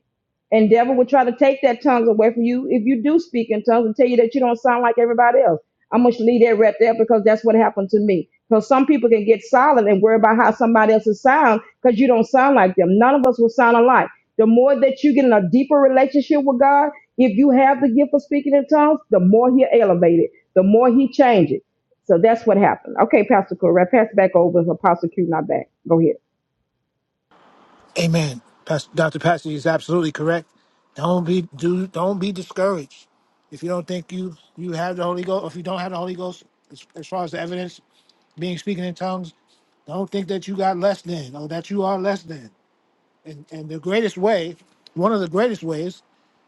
And devil will try to take that tongues away from you if you do speak in tongues and tell you that you don't sound like everybody else. I'm gonna leave that right there because that's what happened to me. Because some people can get silent and worry about how somebody else's sound because you don't sound like them. None of us will sound alike. The more that you get in a deeper relationship with God, if you have the gift of speaking in tongues, the more He'll elevate it, the more He changes. So that's what happened. Okay, Pastor Correct. Pass it back over to Apostle Q, not back. Go ahead. Amen. Pastor, Dr. Patsy is absolutely correct. Don't be do don't be discouraged. If you don't think you you have the Holy Ghost, or if you don't have the Holy Ghost, as, as far as the evidence being speaking in tongues, don't think that you got less than or that you are less than. And and the greatest way, one of the greatest ways,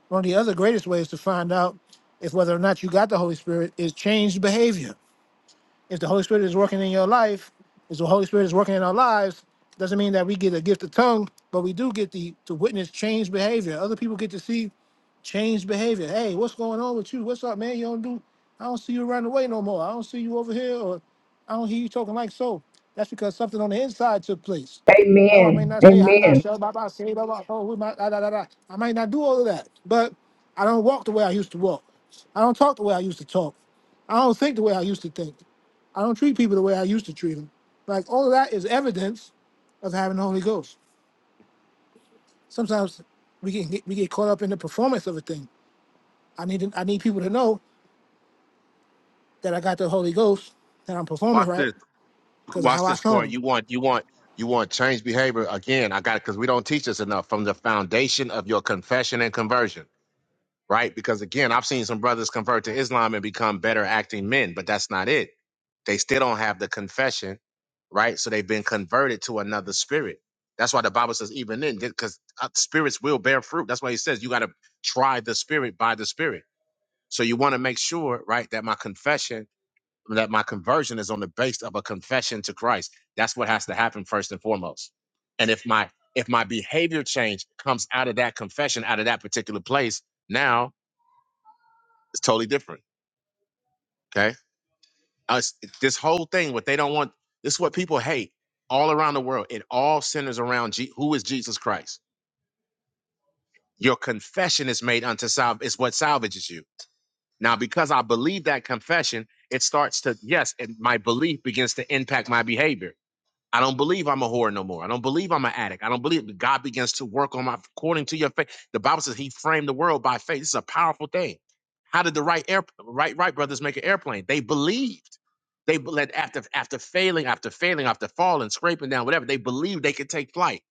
one of the other greatest ways to find out if whether or not you got the Holy Spirit is changed behavior if the Holy Spirit is working in your life, if the Holy Spirit is working in our lives, doesn't mean that we get a gift of tongue, but we do get the to witness changed behavior. Other people get to see changed behavior. Hey, what's going on with you? What's up, man? You don't do I don't see you running away no more. I don't see you over here or I don't hear you talking like so. That's because something on the inside took place. No, I may Amen. not say I'm not Amen. sure about say blah blah oh we might da, da, da, da. I might not do all of that, but I don't walk the way I used to walk. I don't talk the way I used to talk. I don't think the way I used to think. I don't treat people the way I used to treat them. Like all of that is evidence of having the Holy Ghost. Sometimes we can get, we get caught up in the performance of a thing. I need to, I need people to know that I got the Holy Ghost that I'm performing Watch right this. because of Watch how I this, Corey. sound. You want you want you want change behavior again. I got it because we don't teach this enough from the foundation of your confession and conversion, right? Because again, I've seen some brothers convert to Islam and become better acting men, but that's not it. They still don't have the confession, right? So they've been converted to another spirit. That's why the Bible says even then, because spirits will bear fruit. That's why he says you got to try the spirit by the spirit. So you want to make sure, right, that my confession that my conversion is on the base of a confession to Christ. That's what has to happen first and foremost. And if my if my behavior change comes out of that confession, out of that particular place, now it's totally different. Okay, Us- this whole thing, what they don't want, this is what people hate all around the world. It all centers around Je- who is Jesus Christ. Your confession is made unto salve is what salvages you. Now, because I believe that confession, it starts to yes, and my belief begins to impact my behavior I don't believe I'm a whore no more. I don't believe I'm an addict. I don't believe God begins to work on my according to your faith. The Bible says He framed the world by faith. This is a powerful thing. How did the Wright air, Wright Wright brothers make an airplane? They believed. They let after after failing, after failing, after falling, scraping down, whatever. They believed they could take flight.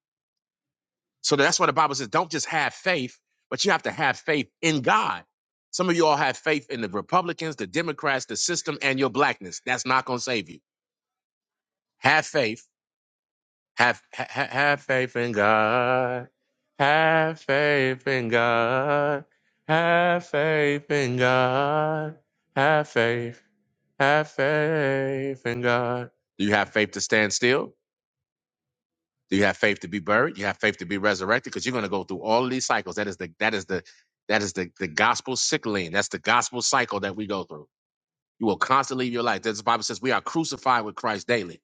So that's why the Bible says, don't just have faith, but you have to have faith in God. Some of you all have faith in the Republicans, the Democrats, the system, and your blackness. That's not going to save you. Have faith Have ha, ha- have faith in God. Have faith in God. Have faith in God. Have faith. Have faith in God. Do you have faith to stand still? Do you have faith to be buried? You have faith to be resurrected? Because you're going to go through all of these cycles. That is the that is the that is the, the gospel cycling. That's the gospel cycle that we go through. You will constantly live your life. That's the Bible says we are crucified with Christ daily.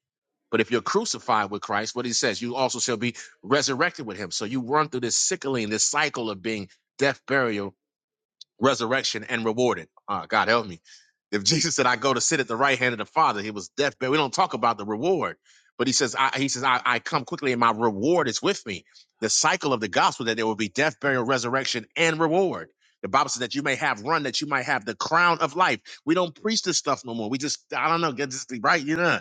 But if you're crucified with Christ, what he says, you also shall be resurrected with him. So you run through this sickling, this cycle of being death, burial, resurrection, and rewarded. Uh, God help me. If Jesus said, "I go to sit at the right hand of the Father," he was deathbed. We don't talk about the reward, but he says, I, "He says I, I come quickly, and my reward is with me." The cycle of the gospel that there will be death, burial, resurrection, and reward. The Bible says that you may have run, that you might have the crown of life. We don't preach this stuff no more. We just, I don't know, get this right, you know.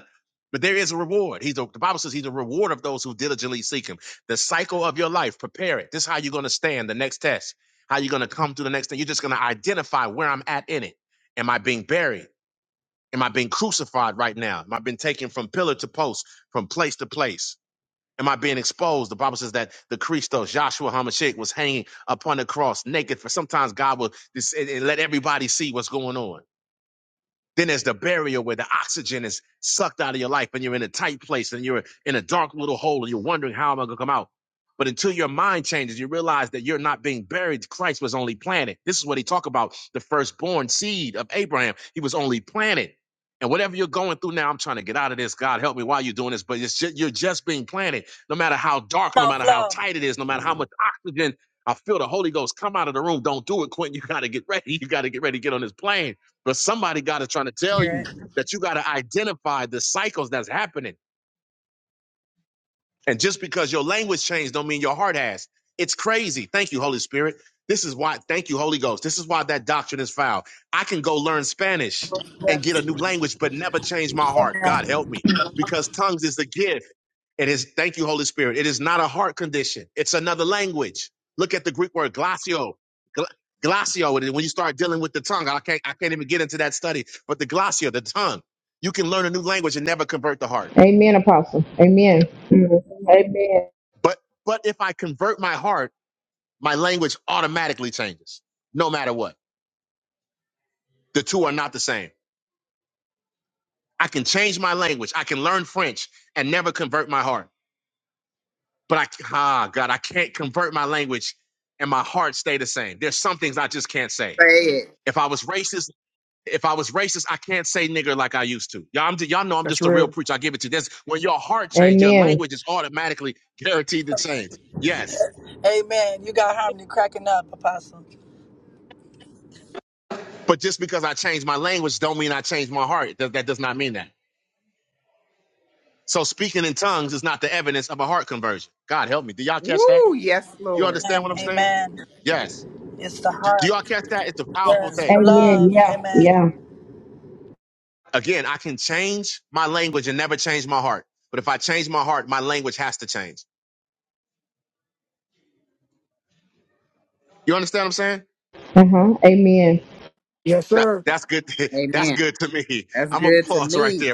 But there is a reward. He's a, the Bible says he's a reward of those who diligently seek him. The cycle of your life, prepare it. This is how you're going to stand the next test. How you going to come through the next thing? You're just going to identify where I'm at in it. Am I being buried? Am I being crucified right now? Am I being taken from pillar to post, from place to place? Am I being exposed? The Bible says that the Christos, Joshua Hamashiach, was hanging upon the cross naked. For sometimes God will just, and- and let everybody see what's going on. Then there's the burial where the oxygen is sucked out of your life and you're in a tight place and you're in a dark little hole and you're wondering, how am I going to come out? But until your mind changes, you realize that you're not being buried. Christ was only planted. This is what he talked about the firstborn seed of Abraham. He was only planted. And whatever you're going through now, I'm trying to get out of this. God help me while you're doing this. But it's just, you're just being planted. No matter how dark, no Come on, matter how flow. tight it is, no matter how much oxygen I feel the Holy Ghost come out of the room. Don't do it, Quentin. You got to get ready. You got to get ready to get on this plane but somebody God is trying to tell Hear you it. that you got to identify the cycles that's happening. And just because your language changed don't mean your heart has. It's crazy. Thank you, Holy Spirit. This is why, thank you, Holy Ghost. This is why that doctrine is foul. I can go learn Spanish and Yes. get a new language, but never change my heart. God Amen. help me. Because tongues is a gift. It is, thank you, Holy Spirit. It is not a heart condition. It's another language. Look at the Greek word glossio. Gl- Glossio, and when you start dealing with the tongue, I can't, I can't even get into that study, but the glossio, the tongue, you can learn a new language and never convert the heart. Amen, Apostle. Amen. Amen. But, but if I convert my heart, my language automatically changes, no matter what. The two are not the same. I can change my language. I can learn French and never convert my heart. But I, ah, God, I can't convert my language and my heart stay the same. There's some things I just can't say say it. racist. If I was racist, I can't say nigger like I used to. Y'all, I'm, y'all know I'm That's just a real real. preacher. I give it to you. That's when your heart changes, your Amen. language is automatically guaranteed to change. Yes. Amen. You got harmony cracking up, Apostle. But just because I changed my language don't mean I changed my heart. That, that does not mean that. So speaking in tongues is not the evidence of a heart conversion. God help me. Do y'all catch that? Woo! Yes, Lord. Understand Amen. what I'm saying? Amen. Yes. It's the Do do heart. y'all catch that? It's a powerful Yes. thing. The Amen. love. Yeah. Amen. Yeah. Again, I can change my language and never change my heart. But if I change my heart, my language has to change. You understand what I'm saying? Uh huh. Amen. Yes, That, sir. that's good. That's Amen. good. That's I'm gonna good to pause right me.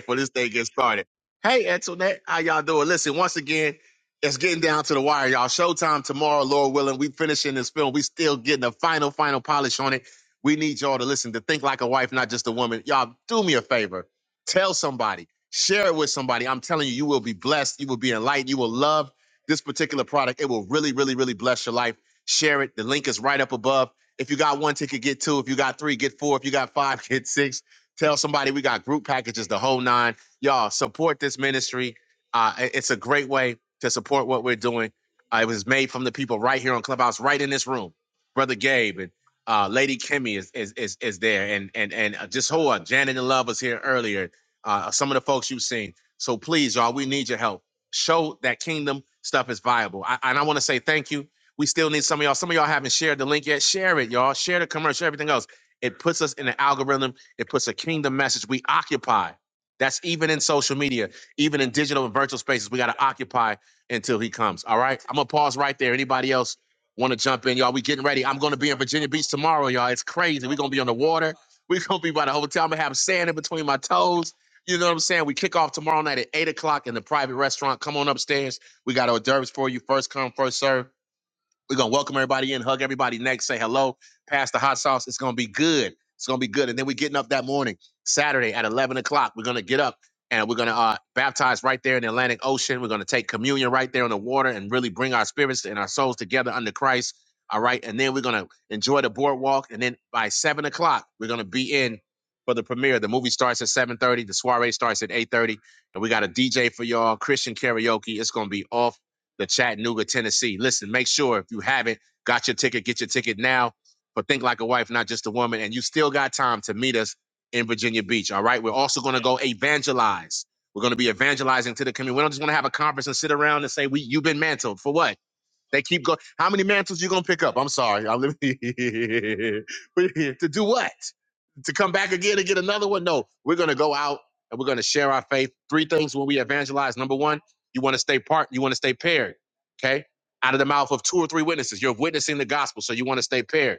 get started. Hey, Antoinette, how y'all doing? Listen, once again, it's getting down to the wire, y'all. Showtime tomorrow, Lord willing. We finishing this film. We still getting a final, final polish on it. We need y'all to listen to Think Like a Wife, not just a woman. Y'all, do me a favor. Tell somebody. Share it with somebody. I'm telling you, you will be blessed. You will be enlightened. You will love this particular product. It will really, really, really bless your life. Share it. The link is right up above. If you got one ticket, get two. If you got three, get four. If you got five, get six. Tell somebody we got group packages, the whole nine y'all support this ministry. Uh, it- it's a great way to support what we're doing. Uh, it was made from the people right here on Clubhouse, right in this room. Brother Gabe and uh, Lady Kimmy is, is is is there, and and and uh, just hold on. Janet and Love was here earlier. Uh, some of the folks you've seen. So please, y'all, we need your help. Show that kingdom stuff is viable. I, and I want to say thank you. We still need some of y'all. Some of y'all haven't shared the link yet. Share it, y'all. Share the commercial, everything else. It puts us in the algorithm. It puts a kingdom message. We occupy. That's even in social media, even in digital and virtual spaces. We got to occupy until he comes. All right. I'm gonna pause right there. Anybody else want to jump in, y'all? We getting ready. I'm gonna be in Virginia Beach tomorrow, y'all. It's crazy. We're gonna be on the water. We're gonna be by the hotel. I'm gonna have sand in between my toes. You know what I'm saying? We kick off tomorrow night at eight o'clock in the private restaurant. Come on upstairs. We got hors d'oeuvres for you. First come, first serve. We're gonna welcome everybody in, hug everybody next, say hello, pass the hot sauce. It's gonna be good. It's gonna be good. And then we're getting up that morning, Saturday at eleven o'clock. We're gonna get up and we're gonna uh, baptize right there in the Atlantic Ocean. We're gonna take communion right there on the water and really bring our spirits and our souls together under Christ. All right, and then we're gonna enjoy the boardwalk. And then by seven o'clock, we're gonna be in for the premiere. The movie starts at seven thirty. The soiree starts at eight thirty, and we got a DJ for y'all, Christian karaoke. It's gonna be off the Chattanooga, Tennessee. Listen, make sure if you haven't got your ticket, get your ticket now for Think Like a Wife, Not Just a Woman. And you still got time to meet us in Virginia Beach. All right. We're also going to go evangelize. We're going to be evangelizing to the community. We don't just want to have a conference and sit around and say, we, you've been mantled for what? They keep going. How many mantles you gonna pick up? I'm sorry. I'm to do what? To come back again and get another one? No, we're gonna go out and we're gonna share our faith. Three things when we evangelize. Number one, you want to stay part. You want to stay paired. Okay, out of the mouth of two or three witnesses, you're witnessing the gospel, so you want to stay paired.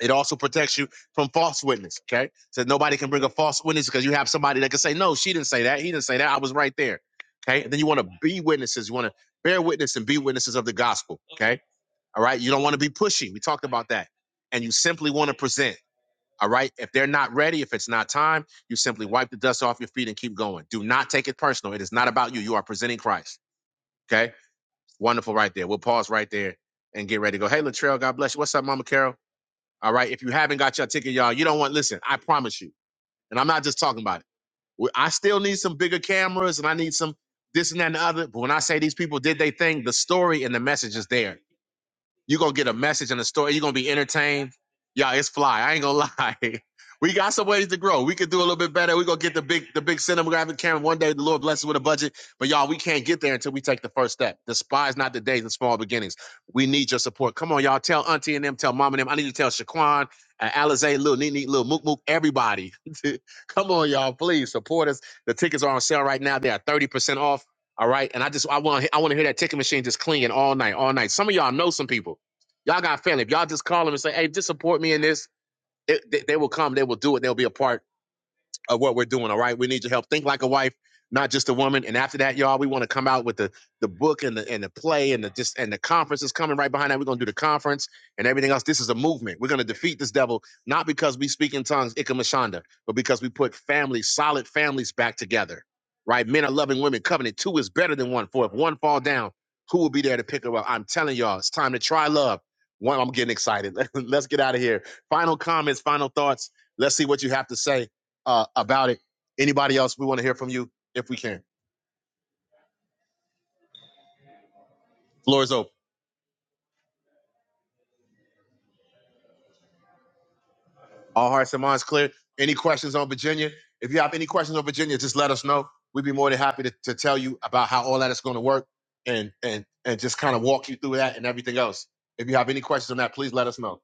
It also protects you from false witness. Okay. So nobody can bring a false witness because you have somebody that can say, no, she didn't say that. He didn't say that. I was right there. Okay. And then you want to be witnesses. You want to bear witness and be witnesses of the gospel. Okay. All right. You don't want to be pushy. We talked about that. And you simply want to present. All right. If they're not ready, if it's not time, you simply wipe the dust off your feet and keep going. Do not take it personal. It is not about you. You are presenting Christ. Okay. Wonderful right there. We'll pause right there and get ready to go. Hey, Latrell, God bless you. What's up, Mama Carol? All right. If you haven't got your ticket, y'all, you don't want, listen, I promise you. And I'm not just talking about it. We- I still need some bigger cameras and I need some this and that and the other. But when I say these people did they thing, the story and the message is there. You're gonna get a message in the story. You're gonna be entertained. Yeah, it's fly. I ain't gonna lie. We got some ways to grow. We could do a little bit better. We're gonna get the big the big cinematographic camera one day. The Lord blesses with a budget. But y'all, we can't get there until we take the first step. Despise not the days and small beginnings. We need your support. Come on, y'all. Tell Auntie and them, tell Mom and them. I need to tell Shaquan, uh, Alizé, Lil Neat Neat, Lil Mook Mook, everybody. Come on, y'all. Please support us. The tickets are on sale right now. They are 30% off. All right. And I just I want I want to hear that ticket machine just clinging all night, all night. Some of y'all know some people. Y'all got family. If y'all just call them and say, "Hey, just support me in this," it, they, they will come. They will do it. They'll be a part of what we're doing. All right, we need your help. Think like a wife, not just a woman. And after that, y'all, we want to come out with the the book and the and the play and the just and the conference is coming right behind that. We're gonna do the conference and everything else. This is a movement. We're gonna defeat this devil not because we speak in tongues, Ikamashanda, but because we put families, solid families, back together. Right, men are loving women. Covenant two is better than one. For if one fall down, who will be there to pick her up? I'm telling y'all, it's time to try love. One, I'm getting excited. Let's get out of here. Final comments, final thoughts. Let's see what you have to say uh, about it. Anybody else? We want to hear from you if we can. Floor is open. All hearts and minds clear. Any questions on Virginia? If you have any questions on Virginia, just let us know. We'd be more than happy to, to tell you about how all that is going to work and and and just kind of walk you through that and everything else. If you have any questions on that, please let us know.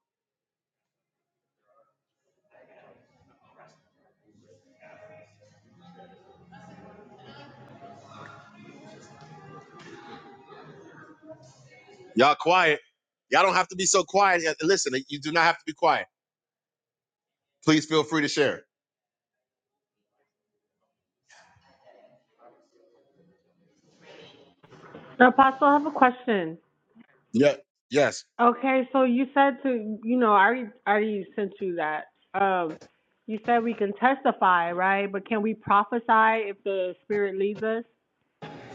Y'all quiet. Y'all don't have to be so quiet. Yeah, Listen, you do not have to be quiet. Please feel free to share. Apostle, I have a question. Yeah. Yes. Okay, so you said to you know, I already, I already sent you that. Um, you said we can testify, right? But can we prophesy if the Spirit leads us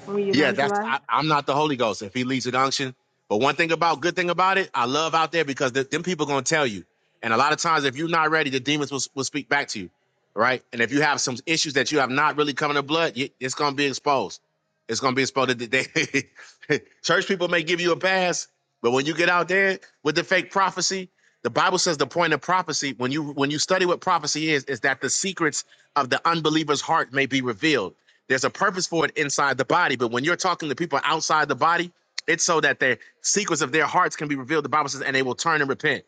when we Yeah, that's evangelize? I, I'm not the Holy Ghost if he leads an unction. But one thing about good thing about it, I love out there because th- them people gonna tell you. And a lot of times, if you're not ready, the demons will, will speak back to you, right? And if you have some issues that you have not really come to blood, you, it's gonna be exposed. It's gonna be exposed. They, they- church people may give you a pass, but when you get out there with the fake prophecy, the Bible says the point of prophecy when you when you study what prophecy is is that the secrets of the unbeliever's heart may be revealed there's a purpose for it inside the body, but when you're talking to people outside the body, it's so that the secrets of their hearts can be revealed. The Bible says, and they will turn and repent.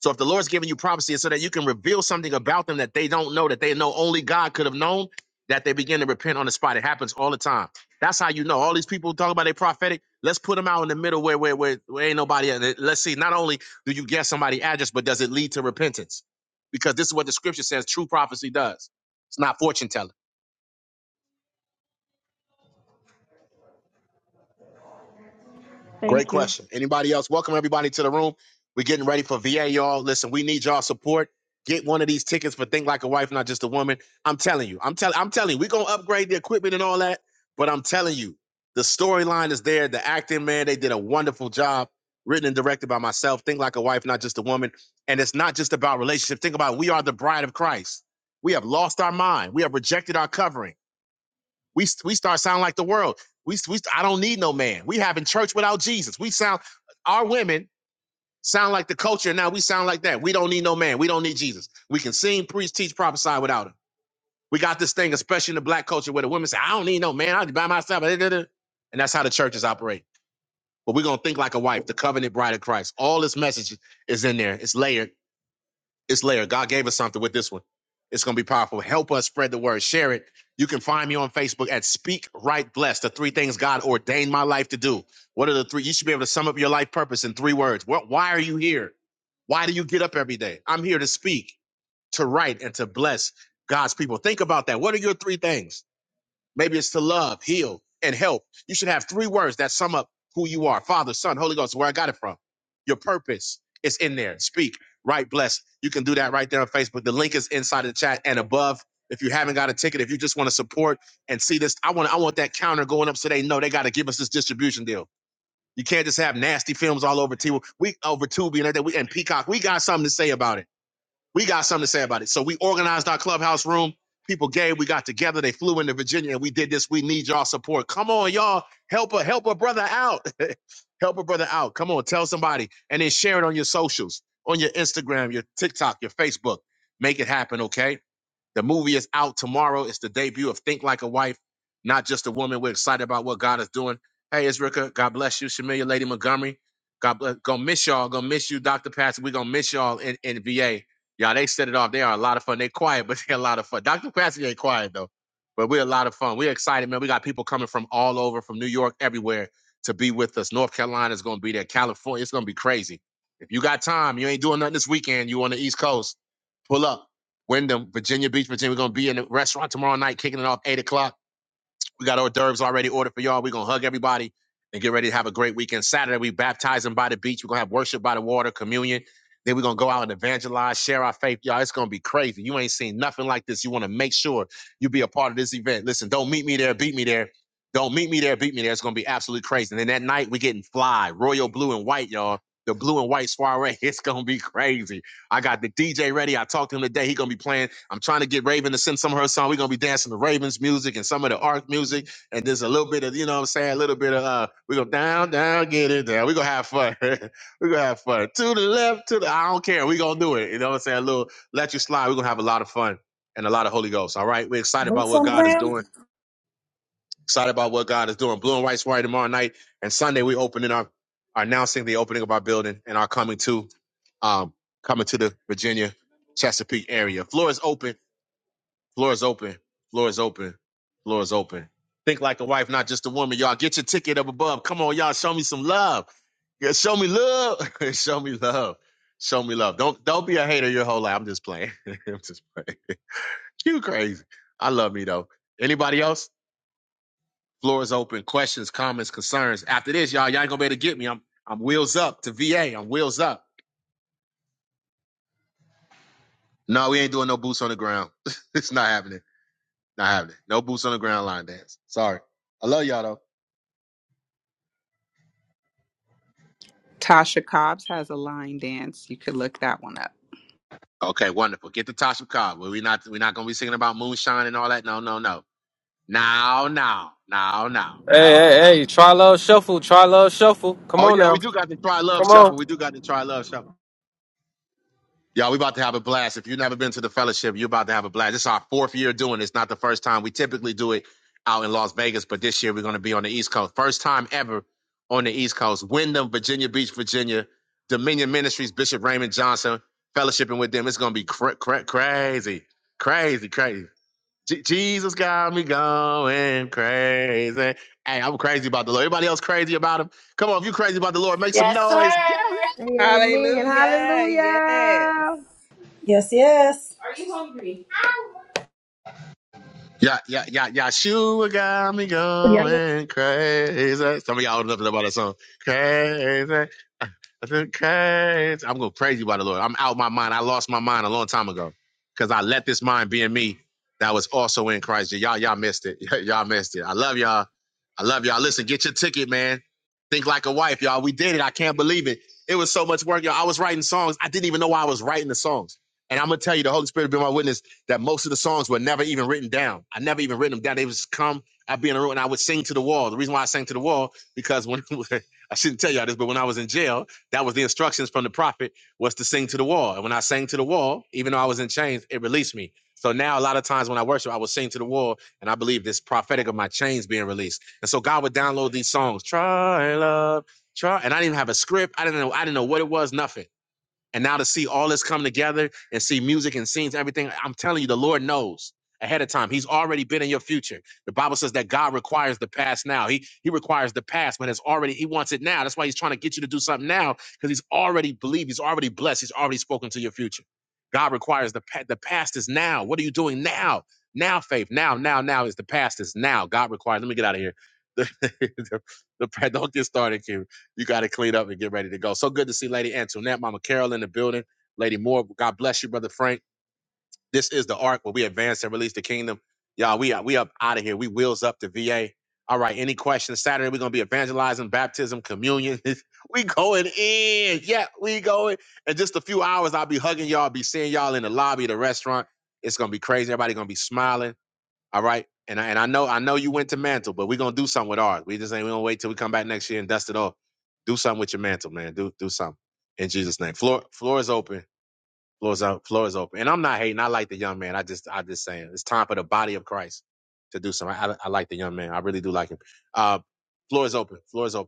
So if the Lord's giving you prophecy, it's so that you can reveal something about them that they don't know, that they know only God could have known, that they begin to repent on the spot. It happens all the time. That's how you know. All these people talk about they prophetic. Let's put them out in the middle where where where, where ain't nobody. at. Let's see. Not only do you guess somebody's address, but does it lead to repentance? Because this is what the Scripture says. True prophecy does. It's not fortune telling. Thank Great you. question. Anybody else? Welcome everybody to the room. We're getting ready for VA, y'all. Listen, we need y'all support. Get one of these tickets for Think Like a Wife, not just a woman. I'm telling you. I'm telling. I'm telling you. We're gonna upgrade the equipment and all that. But I'm telling you, the storyline is there. The acting, man, they did a wonderful job. Written and directed by myself. Think Like a Wife, not just a woman. And it's not just about relationship. Think about it. we are the bride of Christ. We have lost our mind. We have rejected our covering. We we start sounding like the world. We we I I don't need no man. We having church without Jesus. We sound our women sound like the culture now. We sound like that. We don't need no man. We don't need Jesus. We can sing, preach, teach, prophesy without him. We got this thing, especially in the black culture, where the women say, "I don't need no man. I'll be by myself." And that's how the churches operate. But we're gonna think like a wife, the covenant bride of Christ. All this message is in there. It's layered it's layered. God gave us something with this one. It's going to be powerful. Help us spread the word. Share it. You can find me on Facebook at Speak Right Blessed, the three things God ordained my life to do. What are the three? You should be able to sum up your life purpose in three words. What, why are you here? Why do you get up every day? I'm here to speak, to write, and to bless God's people. Think about that. What are your three things? Maybe it's to love, heal, and help. You should have three words that sum up who you are Father, Son, Holy Ghost, where I got it from. Your purpose is in there. Speak, write, Bless. You can do that right there on Facebook. The link is inside of the chat and above. If you haven't got a ticket, if you just want to support and see this, I want I want that counter going up so they know they got to give us this distribution deal. You can't just have nasty films all over TV. We over Tubi and everything. We and Peacock. We got something to say about it. We got something to say about it. So we organized our clubhouse room. People gave, we got together, they flew into Virginia and we did this. We need y'all support. Come on, y'all. Help a help a brother out. help a brother out. Come on, tell somebody. And then share it on your socials, on your Instagram, your TikTok, your Facebook. Make it happen, okay? The movie is out tomorrow. It's the debut of Think Like a Wife, not just a woman. We're excited about what God is doing. Hey, it's Rika. God bless you. Shamilia Lady Montgomery. God bless. Gonna miss y'all. Gonna miss you, Dr. Patsy. We're gonna miss y'all in, in VA. Y'all, they set it off. They are a lot of fun. They quiet, but they're a lot of fun. Dr. Patsy ain't quiet though. But we're a lot of fun. We're excited, man. We got people coming from all over, from New York, everywhere to be with us. North Carolina is gonna be there. California, it's gonna be crazy. If you got time, you ain't doing nothing this weekend. You on the East Coast Pull up. Wyndham, Virginia Beach, Virginia. We're gonna be in the restaurant tomorrow night, kicking it off eight o'clock. We got hors d'oeuvres already ordered for y'all. We're gonna hug everybody and get ready to have a great weekend. Saturday, we baptizing by the beach. We're gonna have worship by the water, communion. Then we're gonna go out and evangelize, share our faith. Y'all, it's gonna be crazy. You ain't seen nothing like this. You wanna make sure you be a part of this event. Listen, don't meet me there, beat me there. Don't meet me there, beat me there. It's gonna be absolutely crazy. And then that night we getting fly, royal blue and white, y'all. The blue and white soiree. It's gonna be crazy. I got the DJ ready. I talked to him today. He gonna be playing. I'm trying to get Raven to send some of her song. We're gonna be dancing to Raven's music and some of the Ark music. And there's a little bit of, you know what I'm saying, a little bit of uh, we're gonna down, down, get it down. We're gonna have fun. we're gonna have fun. To the left, to the I don't care. We're gonna do it. You know what I'm saying? A little let you slide. We're gonna have a lot of fun and a lot of Holy Ghost. All right. We're excited about Boots what on the God is ground? doing. Excited about what God is doing. Blue and white party tomorrow night. And Sunday we opening our are announcing the opening of our building and our coming to um coming to the Virginia Chesapeake area. Floor is open. Floor is open. Floor is open. Floor is open. Think like a wife, not just a woman. Y'all get your ticket up above. Come on, y'all. Show me some love. Yeah, show me love. show me love. Show me love. Don't don't be a hater your whole life. I'm just playing. I'm just playing. You crazy. I love me though. Anybody else? Floor is open. Questions, comments, concerns. After this, y'all, y'all ain't gonna be able to get me. I'm I'm wheels up to VA. I'm wheels up. No, we ain't doing no boots on the ground. it's not happening. Not happening. No boots on the ground line dance. Sorry. I love y'all though. Tasha Cobbs has a line dance. You could look that one up. Okay, wonderful. Get the Tasha Cobb. We're not we're not gonna be singing about moonshine and all that. No, no, no. Now, now, now, now, now. now. Come Oh on yeah, we now. do got to try love Come on. shuffle. We do got to try love shuffle. Y'all, we about to have a blast. If you've never been to the fellowship, you're about to have a blast. This is our fourth year doing this. Not the first time. We typically do it out in Las Vegas, but this year we're going to be on the East Coast. First time ever on the East Coast. Wyndham, Virginia Beach, Virginia. Dominion Ministries, Bishop Raymond Johnson, fellowshipping with them. It's going to be cra- cra- crazy, crazy, crazy. Je- Jesus got me going crazy. Hey, I'm crazy about the Lord. Everybody else crazy about him? Come on, if you crazy about the Lord, make some Yes, noise. Yeah. sir. Amen. Hallelujah! Yes. Hallelujah. Yes, yes. Are you hungry? Yeah, yeah, yeah, Yeshua got me Yeah. going crazy. Some of y'all old enough to know about that song. Crazy. I think crazy. I'm going crazy by the Lord. I'm out my mind. I lost my mind a long time ago because I let this mind be in me that was also in Christ. Yeah, Y'all, y'all missed it. y'all missed it. I love y'all. I love y'all. Listen, get your ticket, man. Think like a wife, y'all. We did it. I can't believe it. It was so much work, y'all. I was writing songs. I didn't even know why I was writing the songs. And I'm gonna tell you, the Holy Spirit be my witness that most of the songs were never even written down. I never even written them down. They would just come. I'd be in a room and I would sing to the wall. The reason why I sang to the wall because when I shouldn't tell y'all this, but when I was in jail, that was the instructions from the prophet was to sing to the wall. And when I sang to the wall, even though I was in chains, it released me. So now a lot of times when I worship, I will sing to the wall, and I believe this prophetic of my chains being released. And so God would download these songs, try love, try, and I didn't even have a script. I didn't know. I didn't know what it was. Nothing. And now to see all this come together and see music and scenes, everything, I'm telling you, the Lord knows ahead of time. He's already been in your future. The Bible says that God requires the past now. He he requires the past, but it's already, he wants it now. That's why he's trying to get you to do something now, because he's already believed, he's already blessed, he's already spoken to your future. God requires the past. The past is now. What are you doing now? Now, faith. Now, now, now is the past is now. God requires. Let me get out of here. The, the, the, don't get started, Q you got to clean up and get ready to go. So good to see Lady Antoinette, Mama Carol in the building. Lady Moore, God bless you, Brother Frank. This is the arc where we advance and release the kingdom. Y'all, we are we up out of here. We wheels up the VA. All right, any questions? Saturday, we're gonna be evangelizing, baptism, communion. we going in. Yeah, we going. In just a few hours, I'll be hugging y'all, be seeing y'all in the lobby of the restaurant. It's gonna be crazy. Everybody gonna be smiling. All right. And I, and I know I know you went to mantle, but we're gonna do something with ours. We just ain't we gonna wait till we come back next year and dust it off. Do something with your mantle, man. Do do something in Jesus' name. Floor floor is open. Floor is up. Floor is open. And I'm not hating. I like the young man. I just I just saying it's time for the body of Christ to do something. I, I, I like the young man. I really do like him. Uh, floor is open. Floor is open.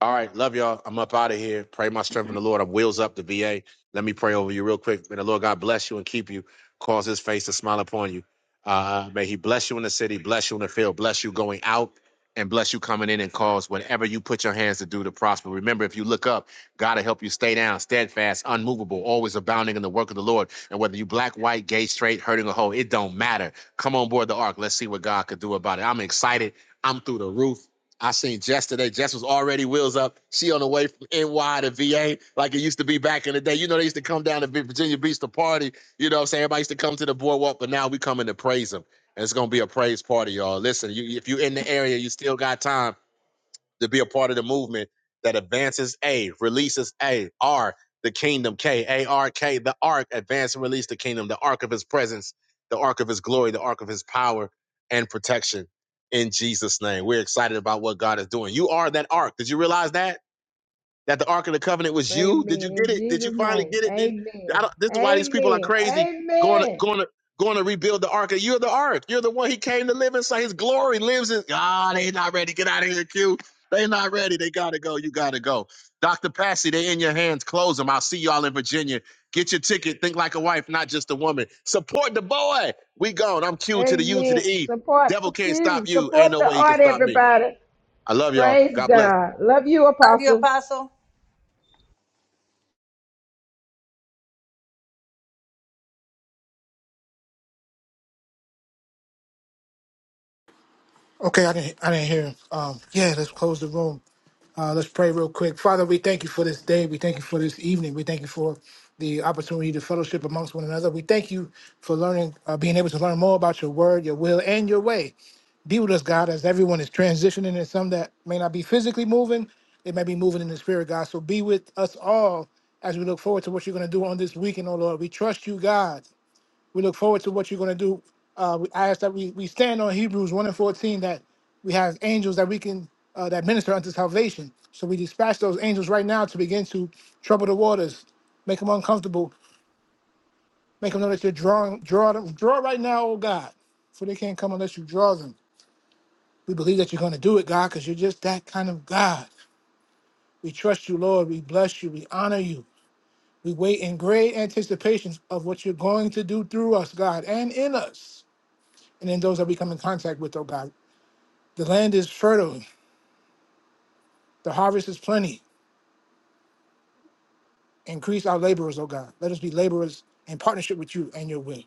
All right, love y'all. I'm up out of here. Pray my strength in the Lord. I'm wheels up the VA. Let me pray over you real quick. May the Lord God bless you and keep you. Cause His face to smile upon you. Uh, may He bless you in the city, bless you in the field, bless you going out, and bless you coming in. And cause whatever you put your hands to do to prosper. Remember, if you look up, God will help you stay down, steadfast, unmovable, always abounding in the work of the Lord. And whether you black, white, gay, straight, hurting or whole, it don't matter. Come on board the ark. Let's see what God could do about it. I'm excited. I'm through the roof. I seen Jess today. Jess was already wheels up. She on the way from NY to VA, like it used to be back in the day. You know, they used to come down to Virginia Beach to party. You know what I'm saying? Everybody used to come to the boardwalk, but now we coming to praise them. And it's gonna be a praise party, y'all. Listen, you, if you are in the area, you still got time to be a part of the movement that advances A, releases A, R, the kingdom, K, A, R, K, the ark, advance and release the kingdom, the ark of his presence, the ark of his glory, the ark of his power and protection. In Jesus' name, we're excited about what God is doing. You are that ark. Did you realize that? that the Ark of the Covenant was you? Did you Amen. In get it? Did you Jesus' finally name. get it? Did, I Amen. don't, this is why these people are Amen. crazy going to, Amen. going to, going to rebuild the Ark. You're the Ark. You're the one he came to live inside. His glory lives in. Ah, they not ready. Get out of here, Q. They not ready. They got to go. You got to go. Dr. Passy, they in your hands. Close them. I'll see y'all in Virginia. Get your ticket. Think like a wife, not just a woman. Support the boy. We gone. I'm Q to the U to the Amen. E. Support Devil the can't stop Q. you. Ain't Support no the way he can art, stop me. everybody. I love y'all. Praise God bless. God. Love you, Love you, Apostle. Apostle. Okay, I didn't I didn't hear. him. Um, yeah, let's close the room. Uh, let's pray real quick. Father, we thank you for this day. We thank you for this evening. We thank you for the opportunity to fellowship amongst one another. We thank you for learning, uh, being able to learn more about your word, your will, and your way. Be with us, God, as everyone is transitioning and some that may not be physically moving, they may be moving in the spirit, God. So be with us all as we look forward to what you're going to do on this weekend, oh Lord. We trust you, God. We look forward to what you're going to do. Uh, we, I ask that we, we stand on Hebrews 1 and 14 that we have angels that we can uh, that minister unto salvation. So we dispatch those angels right now to begin to trouble the waters, make them uncomfortable, make them know that you're drawing, draw them, draw right now, oh God, for they can't come unless you draw them. We believe that you're going to do it, God, because you're just that kind of God. We trust you, Lord. We bless you. We honor you. We wait in great anticipation of what you're going to do through us, God, and in us. and in those that we come in contact with, O God. The land is fertile, the harvest is plenty. Increase our laborers, O God. Let us be laborers in partnership with you and your will.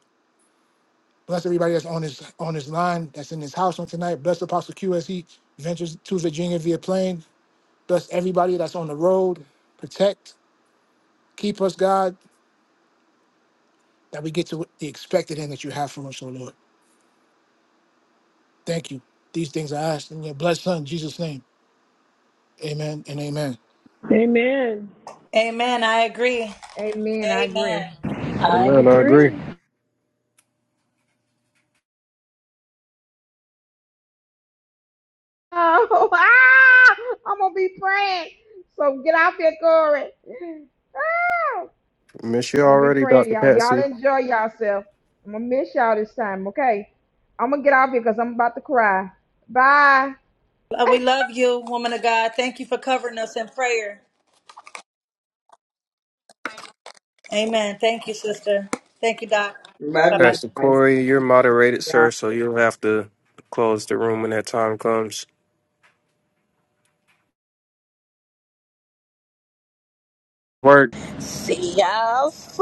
Bless everybody that's on this on this line, that's in this house on tonight. Bless Apostle Q as he ventures to Virginia via plane. Bless everybody that's on the road. Protect, keep us, God, that we get to the expected end that you have for us, O Lord. Thank you. These things I ask in your blessed son, Jesus' name. Amen and amen. Amen. Amen. I agree. Amen. I agree. Amen. I Amen. Amen. I agree. agree. Oh, ah, I'm gonna be praying. So get out there, Corey. Ah, I'm Miss you gonna be already, praying, Dr. y'all. Y'all Patsy. enjoy yourself. I'm gonna miss y'all this time, okay? I'm gonna get out here because I'm about to cry. Bye. Uh, We love you, woman of God. Thank you for covering us in prayer. Amen. Thank you, sister. Thank you, Doc. Love Bye you bye. Pastor guys. Corey, you're moderated, sir, so you'll have to close the room when that time comes. Work. See y'all soon.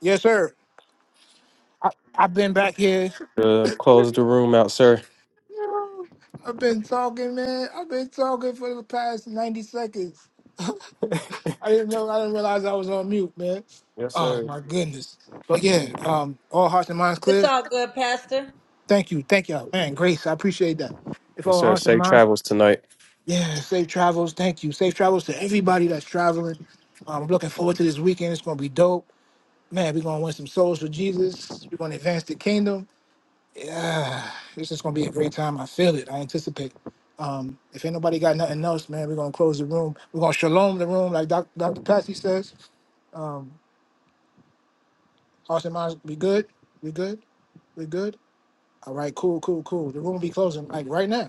Yes, sir. I've been back here. Uh, close the room out, sir. I've been talking, man. I've been talking for the past 90 seconds. I didn't know I didn't realize I was on mute, man. Yes, Oh sir. my goodness. But yeah, um, all hearts and minds It's clear. all good, Pastor. Thank you. Thank y'all. Man, Grace, I appreciate that. If Yes, all sir. hearts and Safe minds, travels tonight. yeah, safe travels. Thank you. Safe travels to everybody that's traveling. Um, I'm looking forward to this weekend. It's gonna be dope. Man, we're gonna win some souls for Jesus. We're gonna advance the kingdom. It's just gonna be a great time. I feel it. I anticipate. Um, if ain't nobody got nothing else, man, we're gonna close the room. We're gonna shalom the room, like Doc, Dr. Patsy says. Um, hearts and minds, we good. We good. We good. All right. Cool. Cool. Cool. The room be closing like right now.